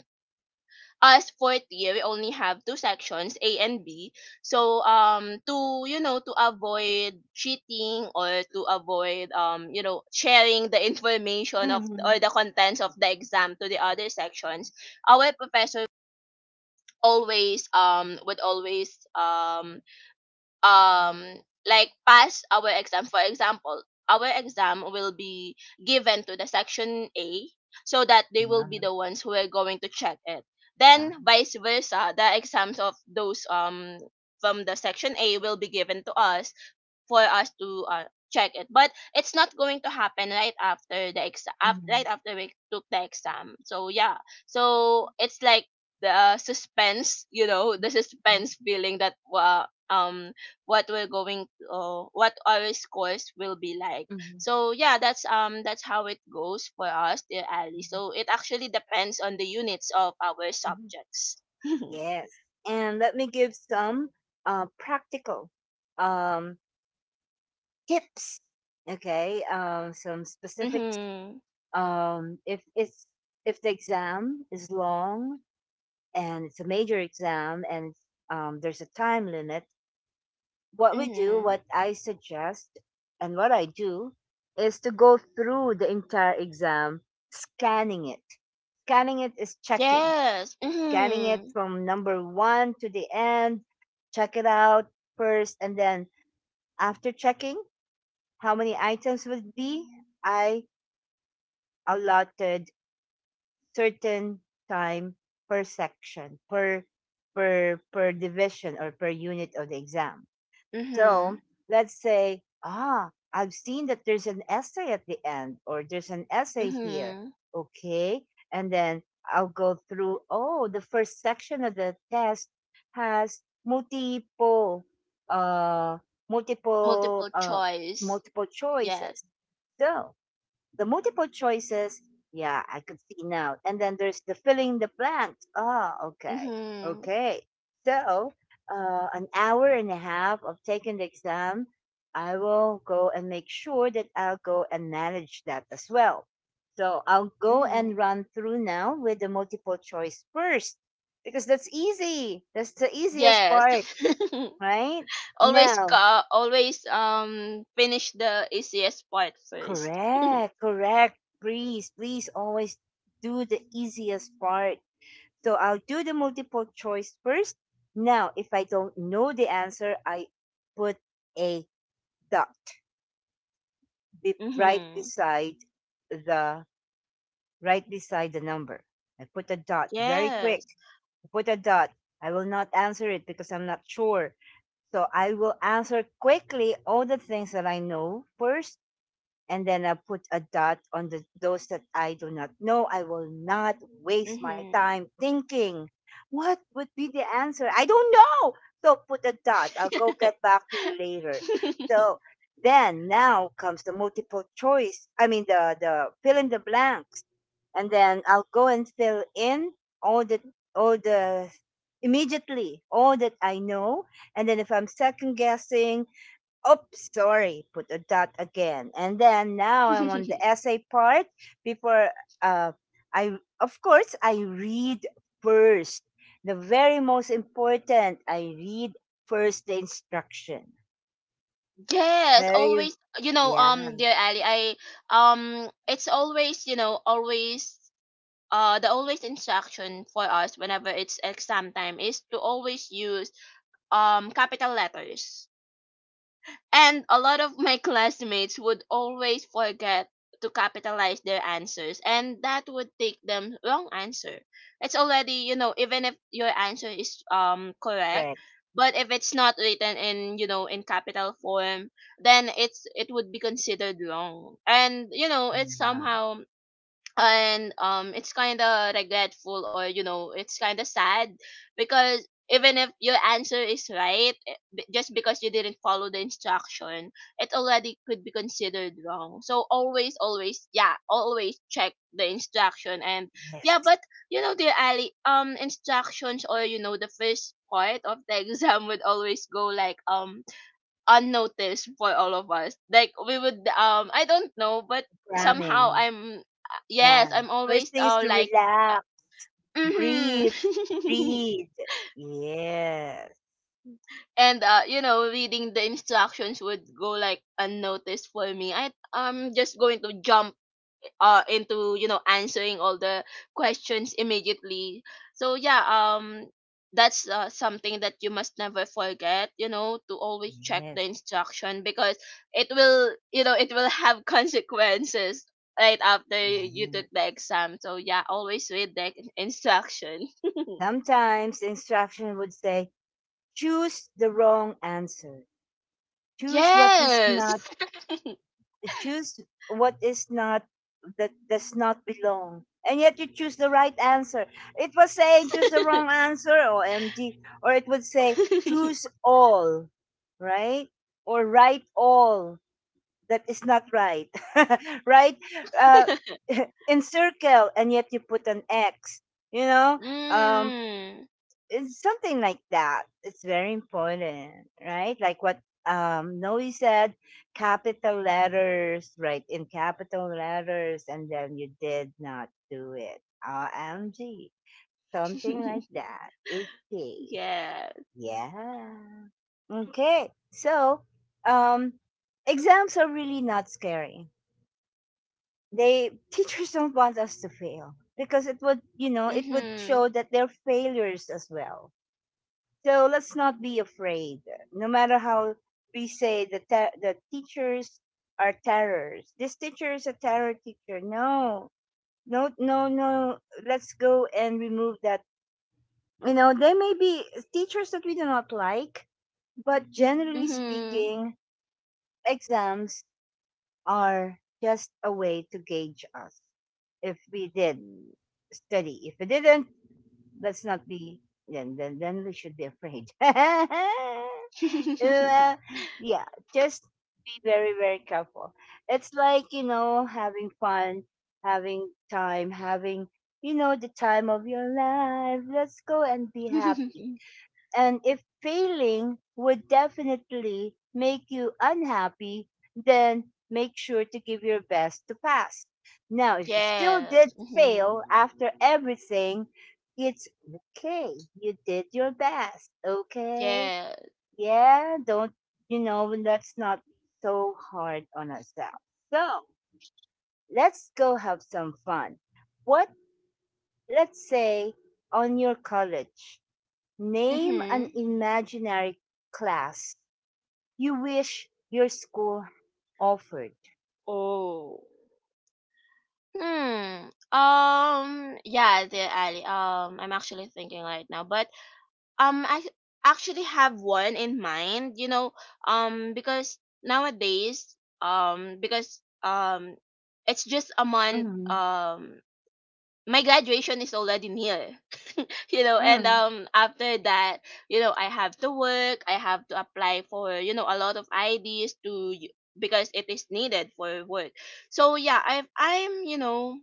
S2: us fourth year, we only have two sections, A and B. So to, you know, to avoid cheating or to avoid you know, sharing the information of or the
S1: Mhm.
S2: contents of the exam to the other sections, our professor always would always um like pass our exam. For example, our exam will be given to the section A, so that they
S1: Mhm.
S2: will be
S1: Ah,
S2: the ones who are going to check it. Then
S1: ah.
S2: vice versa, the exams of those from the section A will be given to us for us to check it. But it's not going to happen right after the exam, right
S1: Mhm.
S2: after we took the exam. So yeah, so it's like the suspense, you know,
S1: Mhm.
S2: the suspense feeling that um what we're going what our scores will be like.
S1: Mhm. Mhm.
S2: So yeah, that's how it goes for us, dear Ali. So it actually depends on the units of our
S1: Mhm.
S2: subjects. Mhm.
S1: Yes. And let me give some practical um, tips. Okay. Some specifics.
S2: Mhm.
S1: If it's if the exam is long and it's a major exam and there's a time limit, what we do,
S2: Mhm.
S1: what I suggest, and what I do is to go through the entire exam, scanning it. Scanning it is checking,
S2: Yes.
S1: scanning it
S2: Mhm.
S1: from number one to the end, check it out first, and then after checking, how many items would be? I allotted certain time per section, per division or per unit of the exam. So
S2: Mhm.
S1: let's say, ah, I've seen that there's an essay at the end, or there's an essay here.
S2: Mm-hmm.
S1: Okay. And then I'll go through, oh, the first section of the test has uh, multiple,
S2: Multiple
S1: uh,
S2: choice.
S1: multiple
S2: Yes.
S1: choices. So the multiple choices. Yeah, I could see now. And then there's the filling the blanks. Ah, okay.
S2: Mm-hmm.
S1: Okay. So, an hour and a half of taking the exam, I will go and make sure that I'll go and manage that as well. So, I'll go
S2: Mm-hmm.
S1: and run through now with the multiple choice first because that's easy. That's the easiest
S2: Yes.
S1: part, right? Now,
S2: Always finish the easiest part first.
S1: correct, correct. Please, please always do the easiest part. So I'll do the multiple choice first. Now, if I don't know the answer, I put a dot be- right
S2: Mm-hmm.
S1: beside the right beside the number. I put a dot very quick.
S2: Yes.
S1: I put a dot. I will not answer it because I'm not sure. So I will answer quickly all the things that I know first, and then I put a dot on the those that I do not know. I will not waste my
S2: Mm-hmm.
S1: time thinking what would be the answer. I don't know. So put a dot. I'll go get back to you later. So then now comes the multiple choice. I mean the fill in the blanks, and then I'll go and fill in all the all the immediately all that I know, and then if I'm second guessing, oops, sorry. Put a dot again. And then now I'm on the essay part. Before uh I of course I read first. The very most important, I read first the instruction.
S2: yes,
S1: Very
S2: always, you know,
S1: yeah,
S2: dear Ali, I it's always, you know, always the always instruction for us whenever it's exam time is to always use capital letters. And a lot of my classmates would always forget to capitalize their answers, and that would take them wrong answer. It's already, you know, even if your answer is correct,
S1: correct.
S2: but if it's not written in, you know, in capital form, then it would be considered wrong. And you know, it's
S1: Yeah.
S2: somehow, and it's kind of regretful, or you know, it's kind of sad, because even if your answer is right, just because you didn't follow the instruction, it already could be considered wrong. So always, always, yeah, always check the instruction. And yeah,
S1: Yes.
S2: but you know, dear Ali, instructions, or you know, the first part of the exam would always go like unnoticed for all of us. Like we would I don't know,
S1: The
S2: but somehow
S1: programming.
S2: I'm, yes,
S1: Yeah.
S2: I'm
S1: First
S2: always
S1: thing is to
S2: like uh,
S1: relax, breathe,
S2: mhm.
S1: breathe. Yes.
S2: And you know, reading the instructions would go like unnoticed for me. I'm just going to jump into, you know, answering all the questions immediately. So yeah, that's something that you must never forget, you know, to always check the
S1: Yes,
S2: instruction, because it will, you know, it will have consequences right after you took
S1: yes.
S2: the exam. So yeah, always read the instruction.
S1: Sometimes the instruction would say choose the wrong answer. Choose what is
S2: Yes.
S1: not. Choose what is not, that does not belong. And yet you choose the right answer. It was saying choose the wrong answer, or MG, or it would say choose all, right? Or write all that is not right, right? Uh, encircle, and yet you put an X. You know, um,
S2: Mm.
S1: it's something like that. It's very important, right? Like what Noe said, capital letters, right? In capital letters, and then you did not do it. Rmg, something like that. Okay.
S2: Yes.
S1: Yeah. Okay. So um exams are really not scary. They teachers don't want us to fail because it would you know it would
S2: Mm-hmm.
S1: show that they're failures as well. So let's not be afraid. No matter how we say the teachers are terrors. This teacher is a terror teacher. No, no, no, no. Let's go and remove that. You know, there may be teachers that we do not like, but generally
S2: Mm-hmm.
S1: speaking, exams are just a way to gauge us if we did steady. If it didn't, let's not be then we should be afraid. Uh, yeah, just be very careful. It's like you know having fun, having time, having you know the time of your life. Let's go and be happy. And if failing would definitely make you unhappy, then make sure to give your best to pass. Now, if you still did
S2: Yes. Hmm.
S1: fail after everything, it's okay. You did your best. Okay.
S2: Yes.
S1: Yeah. Don't, you know, let's not be so hard on ourselves. So let's go have some fun. What, let's say, on your college. Name an
S2: Hmm.
S1: imaginary class you wish your school offered.
S2: Oh. Hmm. Yeah, there, Ali. I'm actually thinking right now, but I actually have one in mind. You know, because nowadays, because it's just a month.
S1: Mhm.
S2: My graduation is already near. You know, and
S1: Mm,
S2: after that, you know, I have to work, I have to apply for, you know, a lot of IDs to because it is needed for work. So yeah, I'm you know,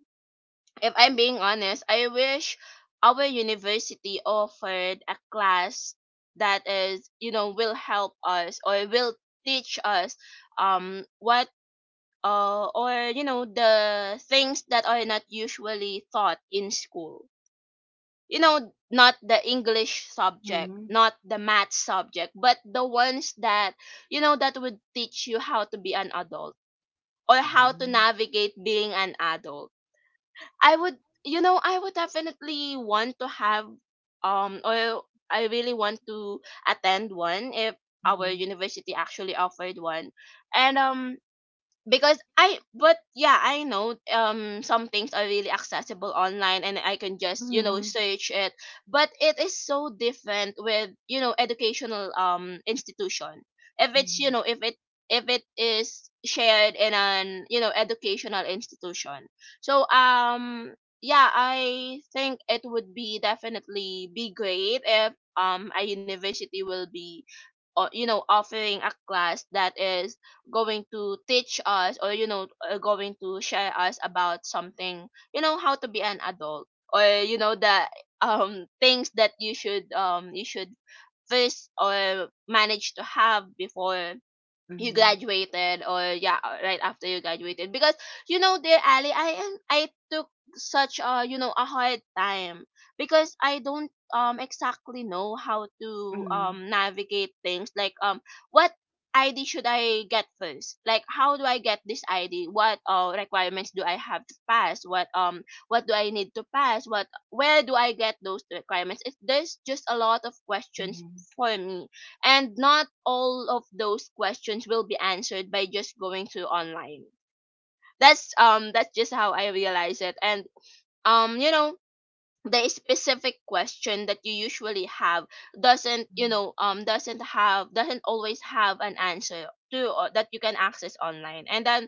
S2: if I'm being honest, I wish our university offered a class that is, you know, will help us, or will teach us what or you know, the things that are not usually taught in school. You know, not the English subject,
S1: mhm.
S2: not the math subject, but the ones that, you know, that would teach you how to be an adult, or
S1: Ah,
S2: how to navigate being an adult. I would You know, I would definitely want to have or I really want to attend one, if our
S1: mhm.
S2: university actually offered one. And because I, but yeah, I know some things are really accessible online and I can just, you know,
S1: Mhm.
S2: search it. But it is so different with, you know, educational institution. If it's, you
S1: Mhm.
S2: know, if it is shared in an, you know, educational institution. So yeah, I think it would be definitely be great if a university will be you know, offering a class that is going to teach us, or you know, going to share us about something, you know, how to be an adult, or you know, the things that you should first or manage to have before you
S1: Mhm.
S2: graduated, or yeah, right after you graduated. Because you know, dear Ali, I took such a, you know, a hard time, because I don't exactly know how to
S1: Mhm.
S2: navigate things like what ID should I get first, like how do I get this ID, what requirements do I have to pass, what do I need to pass, what, where do I get those requirements. There's just a lot of questions
S1: Mhm.
S2: for me, and not all of those questions will be answered by just going to online. That's just how I realize it. And um you know the specific question that you usually have doesn't you know doesn't have doesn't always have an answer to that you can access online and that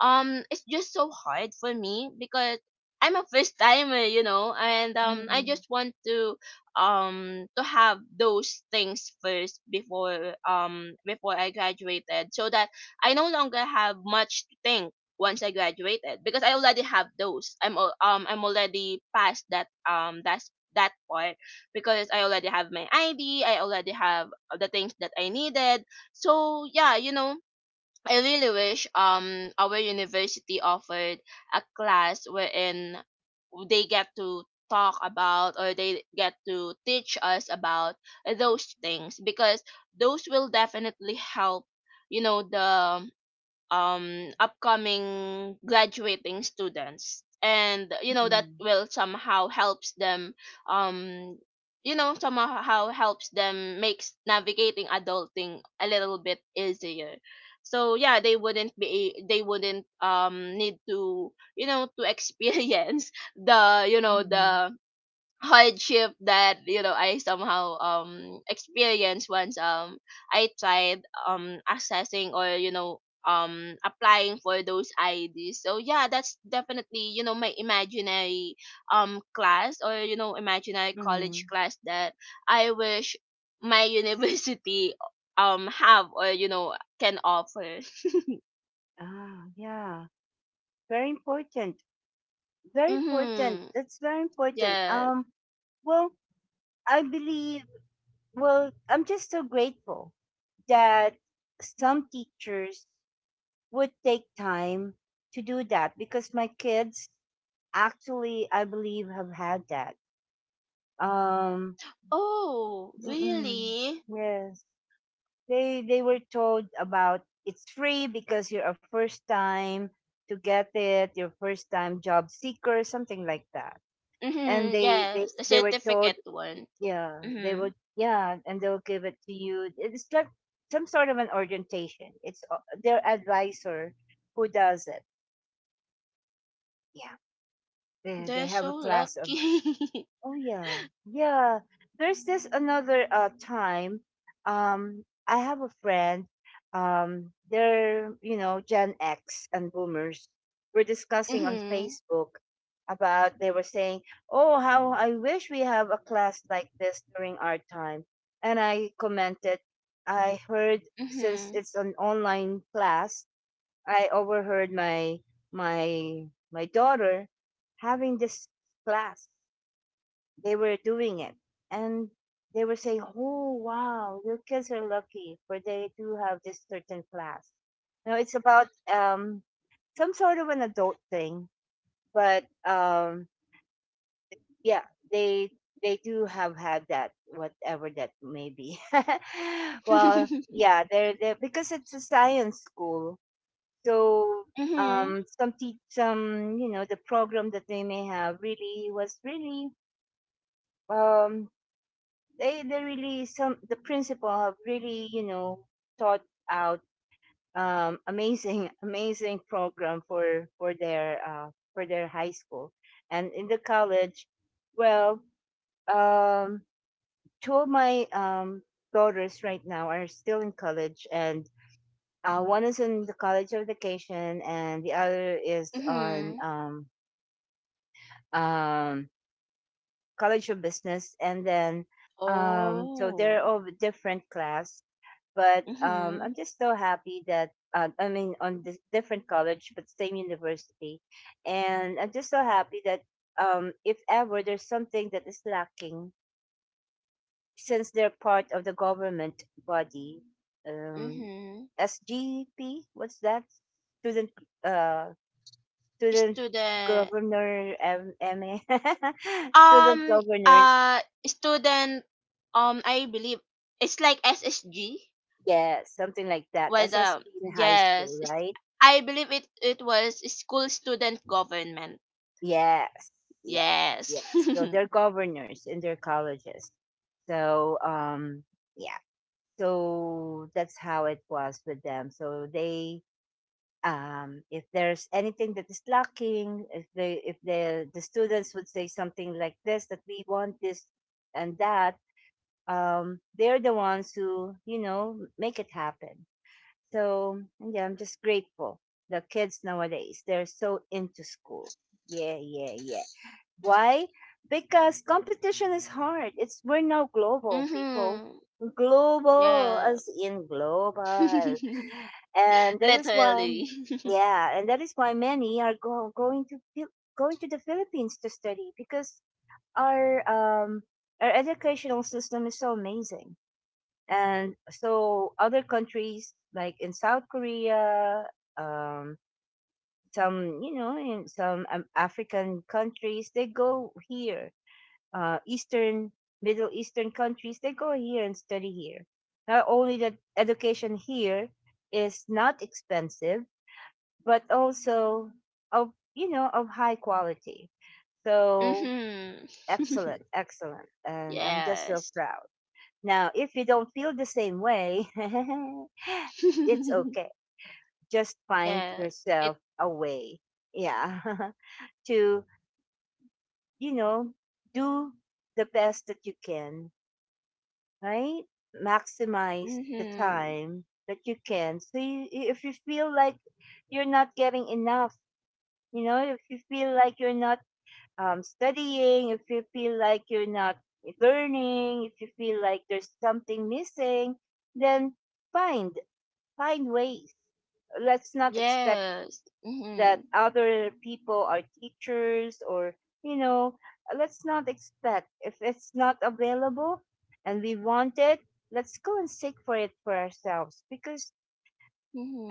S2: It's just so hard for me because I'm a first timer, and I
S1: Mhm.
S2: just want to have those things first before before I graduated so that I no longer have much to think once I graduated because I already have those. I'm already past that's that part because I already have my ID, I already have the things that I needed. So yeah, I really wish our university offered a class wherein they get to talk about or they get to teach us about those things because those will definitely help you know the upcoming graduating students, and that
S1: Mhm.
S2: will somehow helps them um somehow helps them makes navigating adulting a little bit easier. So yeah, they wouldn't need to to experience
S1: Mhm.
S2: the hardship that I somehow experienced once. I tried accessing or applying for those IDs. So yeah, that's definitely my imaginary class or imaginary college
S1: Mhm.
S2: class that I wish my university have or can offer.
S1: Ah, yeah. Very important. Very important.
S2: Mhm.
S1: That's very important.
S2: Yeah.
S1: Well, I believe, well, I'm just so grateful that some teachers would take time to do that because my kids actually I believe have had that um
S2: Oh,
S1: mm-mm,
S2: really?
S1: yes, they were told about it's free because you're a first time to get it your first time job seeker something like that, and
S2: Mhm.
S1: they they,
S2: Yes, the
S1: they were told,
S2: certificate one.
S1: yeah, they
S2: Mhm.
S1: would, yeah, and they'll give it to you, it's like some sort of an orientation, it's their advisor who does it. Yeah. They
S2: They're
S1: have a
S2: so
S1: class of
S2: lucky.
S1: oh yeah yeah. There's this another time I have a friend they're you know Gen X and boomers were discussing on
S2: Mhm.
S1: Facebook about, they were saying, oh how I wish we have a class like this during our time, and I commented, I heard, since
S2: Mhm.
S1: it's an online class, I overheard my my daughter having this class. They were doing it, and they were saying, "Oh wow, your kids are lucky for they do have this certain class." You know, it's about some sort of an adult thing, but yeah, they they do have had that, whatever that may be. Well, yeah, they're because it's a science school. So
S2: Mhm.
S1: some teach some you know the program that they may have really was really um, they really some the principal have really you know thought out amazing amazing program for their for their high school and in the college. Well um, two of my daughters right now are still in college and one is in the college of education and the other is on
S2: Mhm.
S1: um, College of Business, and then so they're
S2: Oh.
S1: all different class. But
S2: Mhm.
S1: I'm just so happy that I mean on this different college but same university, and I'm just so happy that if ever there's something that is lacking, since they're part of the government body, um,
S2: Mhm.
S1: SGP, what's that? Student uh, student
S2: Student.
S1: governor M- MA student
S2: Um.
S1: governors.
S2: Uh. Student. I believe it's like SSG
S1: Yeah, something like that.
S2: was.
S1: SSG in high school,
S2: Yes. It's,
S1: right?
S2: I believe it. It was school student government.
S1: Yes, yes, yes.
S2: Yes.
S1: So they're governors in their colleges. So, yeah. So that's how it was with them. So they, if there's anything that is lacking, if the students would say something like this, that we want this and that, they're the ones who make it happen. So yeah, I'm just grateful. The kids nowadays, they're so into school. Yeah, yeah, yeah. Why? Because competition is hard. It's we're now global people.
S2: Mhm.
S1: Global
S2: Yeah.
S1: as in global. And that is why
S2: Literally.
S1: yeah, and that is why many are going to going to the Philippines to study, because our um our educational system is so amazing, and so other countries like in South Korea, um some in some African countries they go here, eastern, Middle Eastern countries they go here and study here. Not only that, education here is not expensive, but also of of high quality. So
S2: Mhm.
S1: excellent, excellent, and I'm just so
S2: Yes.
S1: proud. Now, if you don't feel the same way, it's okay. Just find
S2: Yes. It.
S1: yourself a way, yeah, to, you know, do the best that you can, right? Maximize the
S2: Mhm.
S1: time that you can. So you, if you feel like you're not getting enough, you know, if you feel like you're not studying, if you feel like you're not learning, if you feel like there's something missing, then find. Find ways. Let's not expect
S2: Yes.
S1: that
S2: Mhm.
S1: other people are teachers or, you know, let's not expect. If it's not available and we want it, let's go and seek for it for ourselves. Because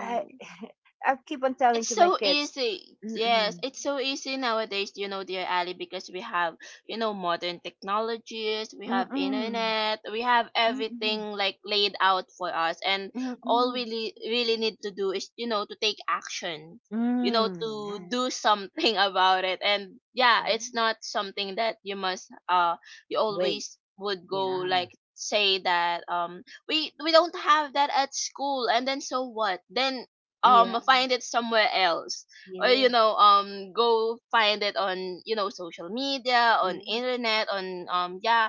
S1: I, I keep on telling
S2: It's
S1: to my
S2: so
S1: kids,
S2: easy. Yes,
S1: mm-mm,
S2: it's so easy nowadays, you know, dear Ali, because we have, you know, modern technologies, we have
S1: mm-mm,
S2: internet, we have
S1: mm-mm,
S2: everything like laid out for us, and all
S1: mm-mm,
S2: we really, really need to do is, you know, to take action, you know,
S1: mm, yes,
S2: to do something about it. And yeah, it's
S1: yes.
S2: not something that you must you
S1: Wait,
S2: always would go
S1: yeah,
S2: like say that we don't have that at school, and then so what then?
S1: yeah,
S2: Find it somewhere else or
S1: yes,
S2: go find it on social media, on
S1: yes,
S2: internet, on yeah,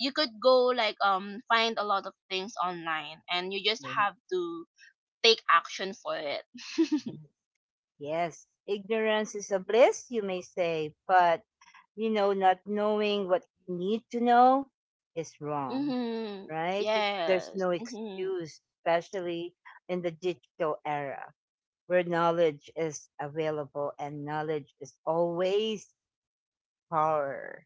S2: you could go like find a lot of things online, and you just
S1: yes.
S2: have to take action for it.
S1: Yes. Yes, ignorance is a bliss, you may say, but you know, not knowing what you need to know is wrong,
S2: Hmm.
S1: right? There's
S2: Yes.
S1: no
S2: Hmm.
S1: excuse, especially in the digital era where knowledge is available and knowledge is always power.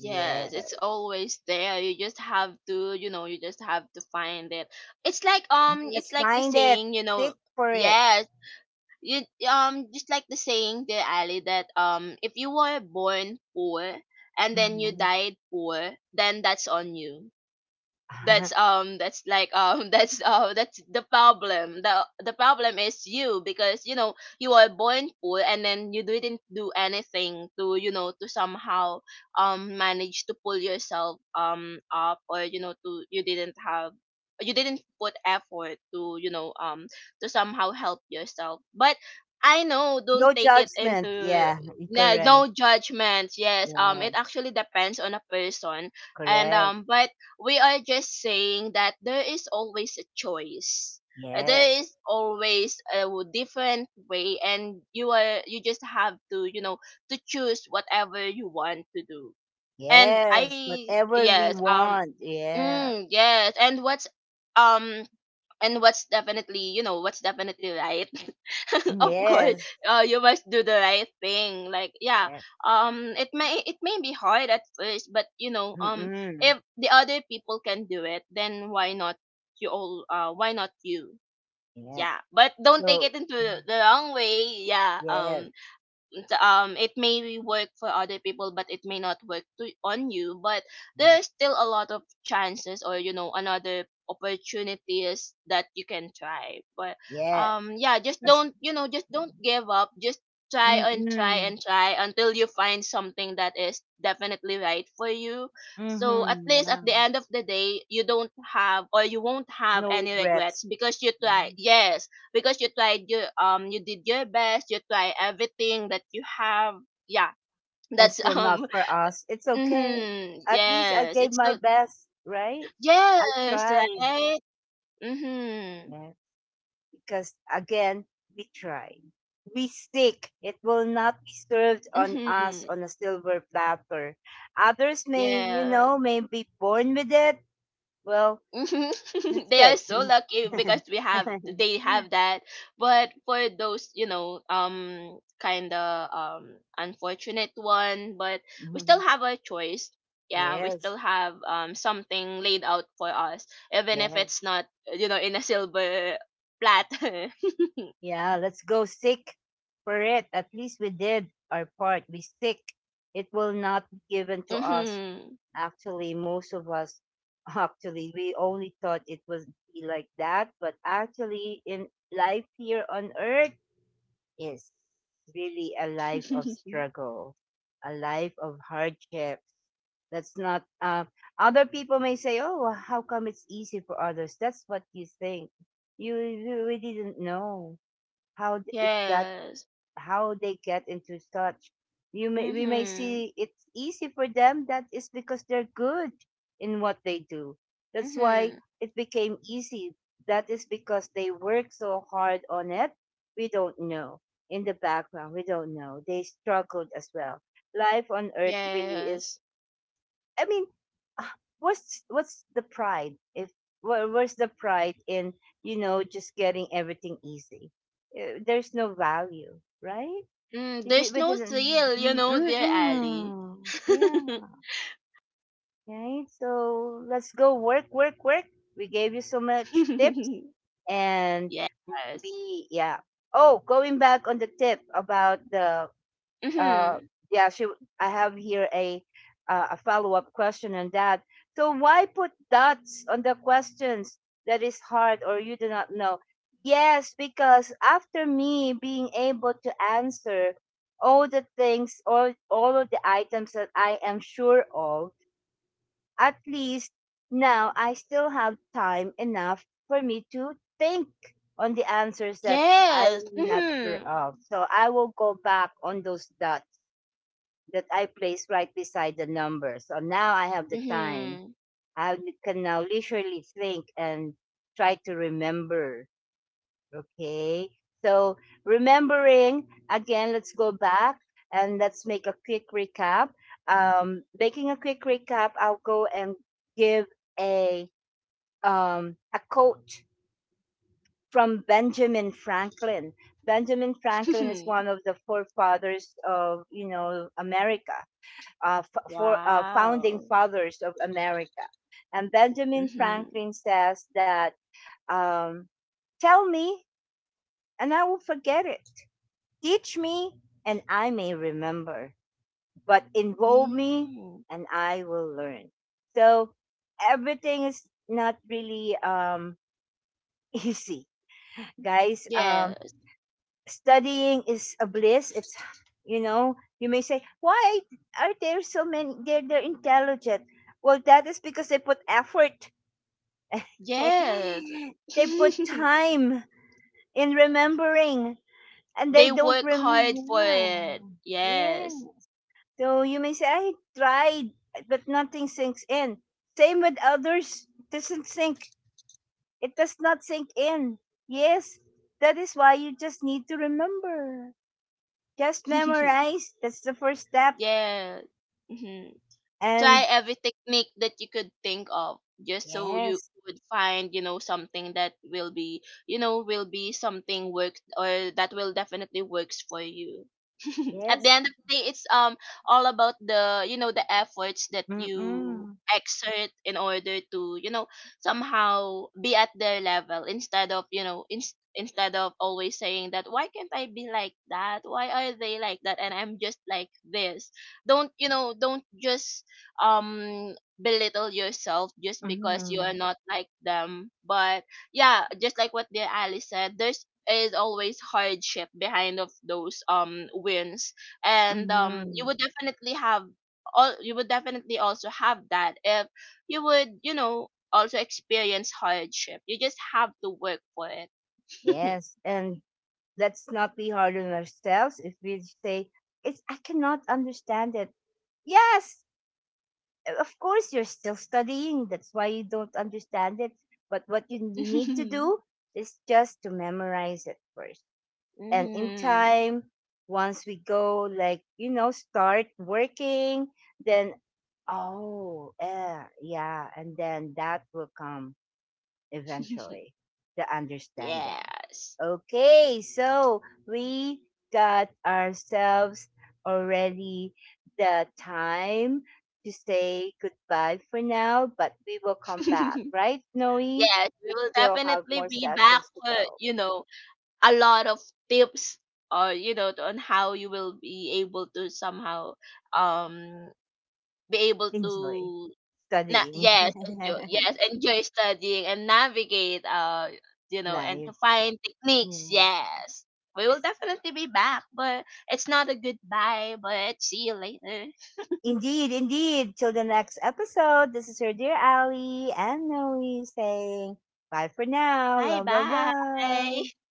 S1: Yes.
S2: Yes, it's always there, you just have to you just have to find it. It's like
S1: Yes,
S2: it's like the
S1: find it,
S2: saying, you know.
S1: seek for it.
S2: Yes. You just like the saying, dear Ali, that if you were born poor and then you
S1: Mhm.
S2: died poor, then that's on you. That's like that's the problem. The problem is you, because you know you are born poor and then you didn't do anything to to somehow manage to pull yourself up, or you know to you didn't put effort to to somehow help yourself. But I know,
S1: No
S2: don't take it
S1: judgment.
S2: into—
S1: Yeah,
S2: No,
S1: correct.
S2: no judgments. Yes,
S1: Yeah,
S2: it actually depends on a person. And
S1: correct.
S2: but we are just saying that there is always a choice.
S1: Yes.
S2: There is always a different way, and you just have to to choose whatever you want to do. And I,
S1: Yes, whatever we
S2: yes,
S1: want. Yeah.
S2: mm, yes, um and what's definitely, what's definitely right, of course,
S1: Yes.
S2: you must do the right thing, like, yeah.
S1: Yes.
S2: It may, it may be hard at first, but
S1: Mm-mm.
S2: if the other people can do it, then why not you all? Why not you?
S1: Yes.
S2: Yeah, but don't
S1: So
S2: take it into
S1: mm,
S2: the wrong way. Yeah
S1: yes.
S2: and it may work for other people, but it may not work on you, but
S1: Yes.
S2: there's still a lot of chances or, you know, another opportunities that you can try. But
S1: Yes.
S2: yeah, just
S1: That's-
S2: don't, just don't give up, just try and try
S1: Mm-mm.
S2: and try until you find something that is definitely right for you, so at
S1: Mm-hmm.
S2: least at
S1: Yeah.
S2: the end of the day, you don't have, or you won't have
S1: No
S2: any
S1: regrets.
S2: regrets, because you
S1: Yeah.
S2: tried. Yes, because you tried your— you did your best, you try everything that you have. Yeah.
S1: And
S2: that's
S1: still not for us. It's okay.
S2: Mm-hmm.
S1: At least I
S2: Yes,
S1: gave
S2: it's
S1: my
S2: so.
S1: best, right? I
S2: Yes,
S1: tried.
S2: right. Mm-hmm.
S1: Yeah. Because again, we try. We seek. It will not be served on us
S2: Mm-hmm.
S1: on a silver platter. Others may, you
S2: Yeah.
S1: know, may be born with it. Well,
S2: Mhm.
S1: that's
S2: They are
S1: it.
S2: so lucky because we have, they have that. But for those, you know, kind of unfortunate one, but we still have a choice. Yeah, we
S1: Yes,
S2: still have something laid out for us, even if
S1: yes.
S2: it's not, you know, in a silver platter.
S1: Yeah, let's go sick for it. At least we did our part. We sick. It will not be given to us.
S2: Mhm.
S1: Actually, most of us, actually, we only thought it would be like that, but actually, in life here on earth is really a life of struggle, a life of hardships. That's not. Other people may say, "Oh, well, how come it's easy for others?" That's what you think. You really didn't know how it got,
S2: Yes.
S1: how they get into such. You may, we may
S2: Mhm.
S1: see it's easy for them. That is because they're good in what they do. That's why
S2: Mhm.
S1: it became easy. That is because they work so hard on it. We don't know. In the background, we don't know. They struggled as well. Life on earth really is,
S2: Yes.
S1: I mean, ah, what's the pride if where's the pride in, you know, just getting everything easy? There's no value, right?
S2: Mm,
S1: You did,
S2: there's
S1: we
S2: no
S1: didn't.
S2: thrill, you
S1: Mm,
S2: know,
S1: mm,
S2: dear Ali.
S1: mm. Yeah, right. So let's go work, work, work. We gave you so much tips, and
S2: Yes.
S1: we yeah. Oh, going back on the tip about the uh,
S2: Mm-hmm.
S1: yeah, she. I have here a follow up question on that. So why put dots on the questions that is hard or you do not know? Yes, because after me being able to answer all the things, all of the items that I am sure of, at least now I still have time enough for me to think on the answers that
S2: Yes.
S1: I'm not sure
S2: Mm-hmm.
S1: of. So I will go back on those dots that I place right beside the number. So now I have the time.
S2: Mm-hmm.
S1: I can now leisurely think and try to remember. Okay. So remembering again, let's go back and let's make a quick recap. Making a quick recap, I'll go and give a a quote from Benjamin Franklin. Benjamin Franklin is one of the forefathers of, you know, America, for founding
S2: Wow.
S1: fathers of America. And Benjamin
S2: Mm-hmm.
S1: Franklin says that, um, tell me and I will forget it. Teach me and I may remember, but involve me
S2: Mm.
S1: and I will learn. So everything is not really easy, guys.
S2: Yes.
S1: Studying is a bliss. It's, you know, you may say, why are there so many? They're intelligent. Well, that is because they put effort.
S2: Yes.
S1: They put time in remembering, and they
S2: They
S1: don't
S2: work hard for
S1: remember.
S2: it.
S1: Yeah. Yeah.
S2: Yes.
S1: So you may say, I tried, but nothing sinks in. Same with others, it doesn't sink. It does not sink in. Yes, that is why you just need to remember. Just memorize. That's the first step.
S2: Yes. Mm-hmm.
S1: And
S2: Try every technique that you could think of, just so you
S1: yes,
S2: would find, you know, something that will be, you know, will be something works, or that will definitely works for you. At the
S1: yes,
S2: end of the day, it's all about the, you know, the efforts that you
S1: mm-mm,
S2: exert in order to, you know, somehow be at their level, instead of you know instead of always saying that why can't I be like that, why are they like that and I'm just like this. Don't, you know, don't just um belittle yourself just because you
S1: mm-mm,
S2: are not like them. But yeah, just like what dear Ali said, there's is always hardship behind of those wins, and
S1: mm-mm,
S2: you would definitely have all, you would definitely also have that, if you would, you know, also experience hardship. You just have to work for it.
S1: yes. And let's not be hard on ourselves if we say, it's, I cannot understand it. Yes, of course, you're still studying. That's why you don't understand it. But what you we need to do is just to memorize it first. And in
S2: Hmm.
S1: time, once we go, like, you know, start working, then oh, yeah, yeah. And then that will come eventually, the understanding.
S2: Yes.
S1: Okay, so we got ourselves already the time to say goodbye for now, but we will come back, right, Noe? We
S2: Yes, we will
S1: still have
S2: definitely
S1: more
S2: be back
S1: sessions to
S2: for,
S1: go.
S2: you know, a lot of tips, or, you know, on how you will be able to somehow um be able
S1: Enjoy
S2: to
S1: studying
S2: yes, enjoy, yes, enjoy studying and navigate, you know, and to
S1: life.
S2: find techniques.
S1: Yeah.
S2: Yes, we will definitely be back, but it's not a goodbye, but see you later.
S1: Indeed, indeed. Till the next episode, this is your dear Ali and Noe saying bye for now.
S2: Bye
S1: Love, love, love.
S2: bye.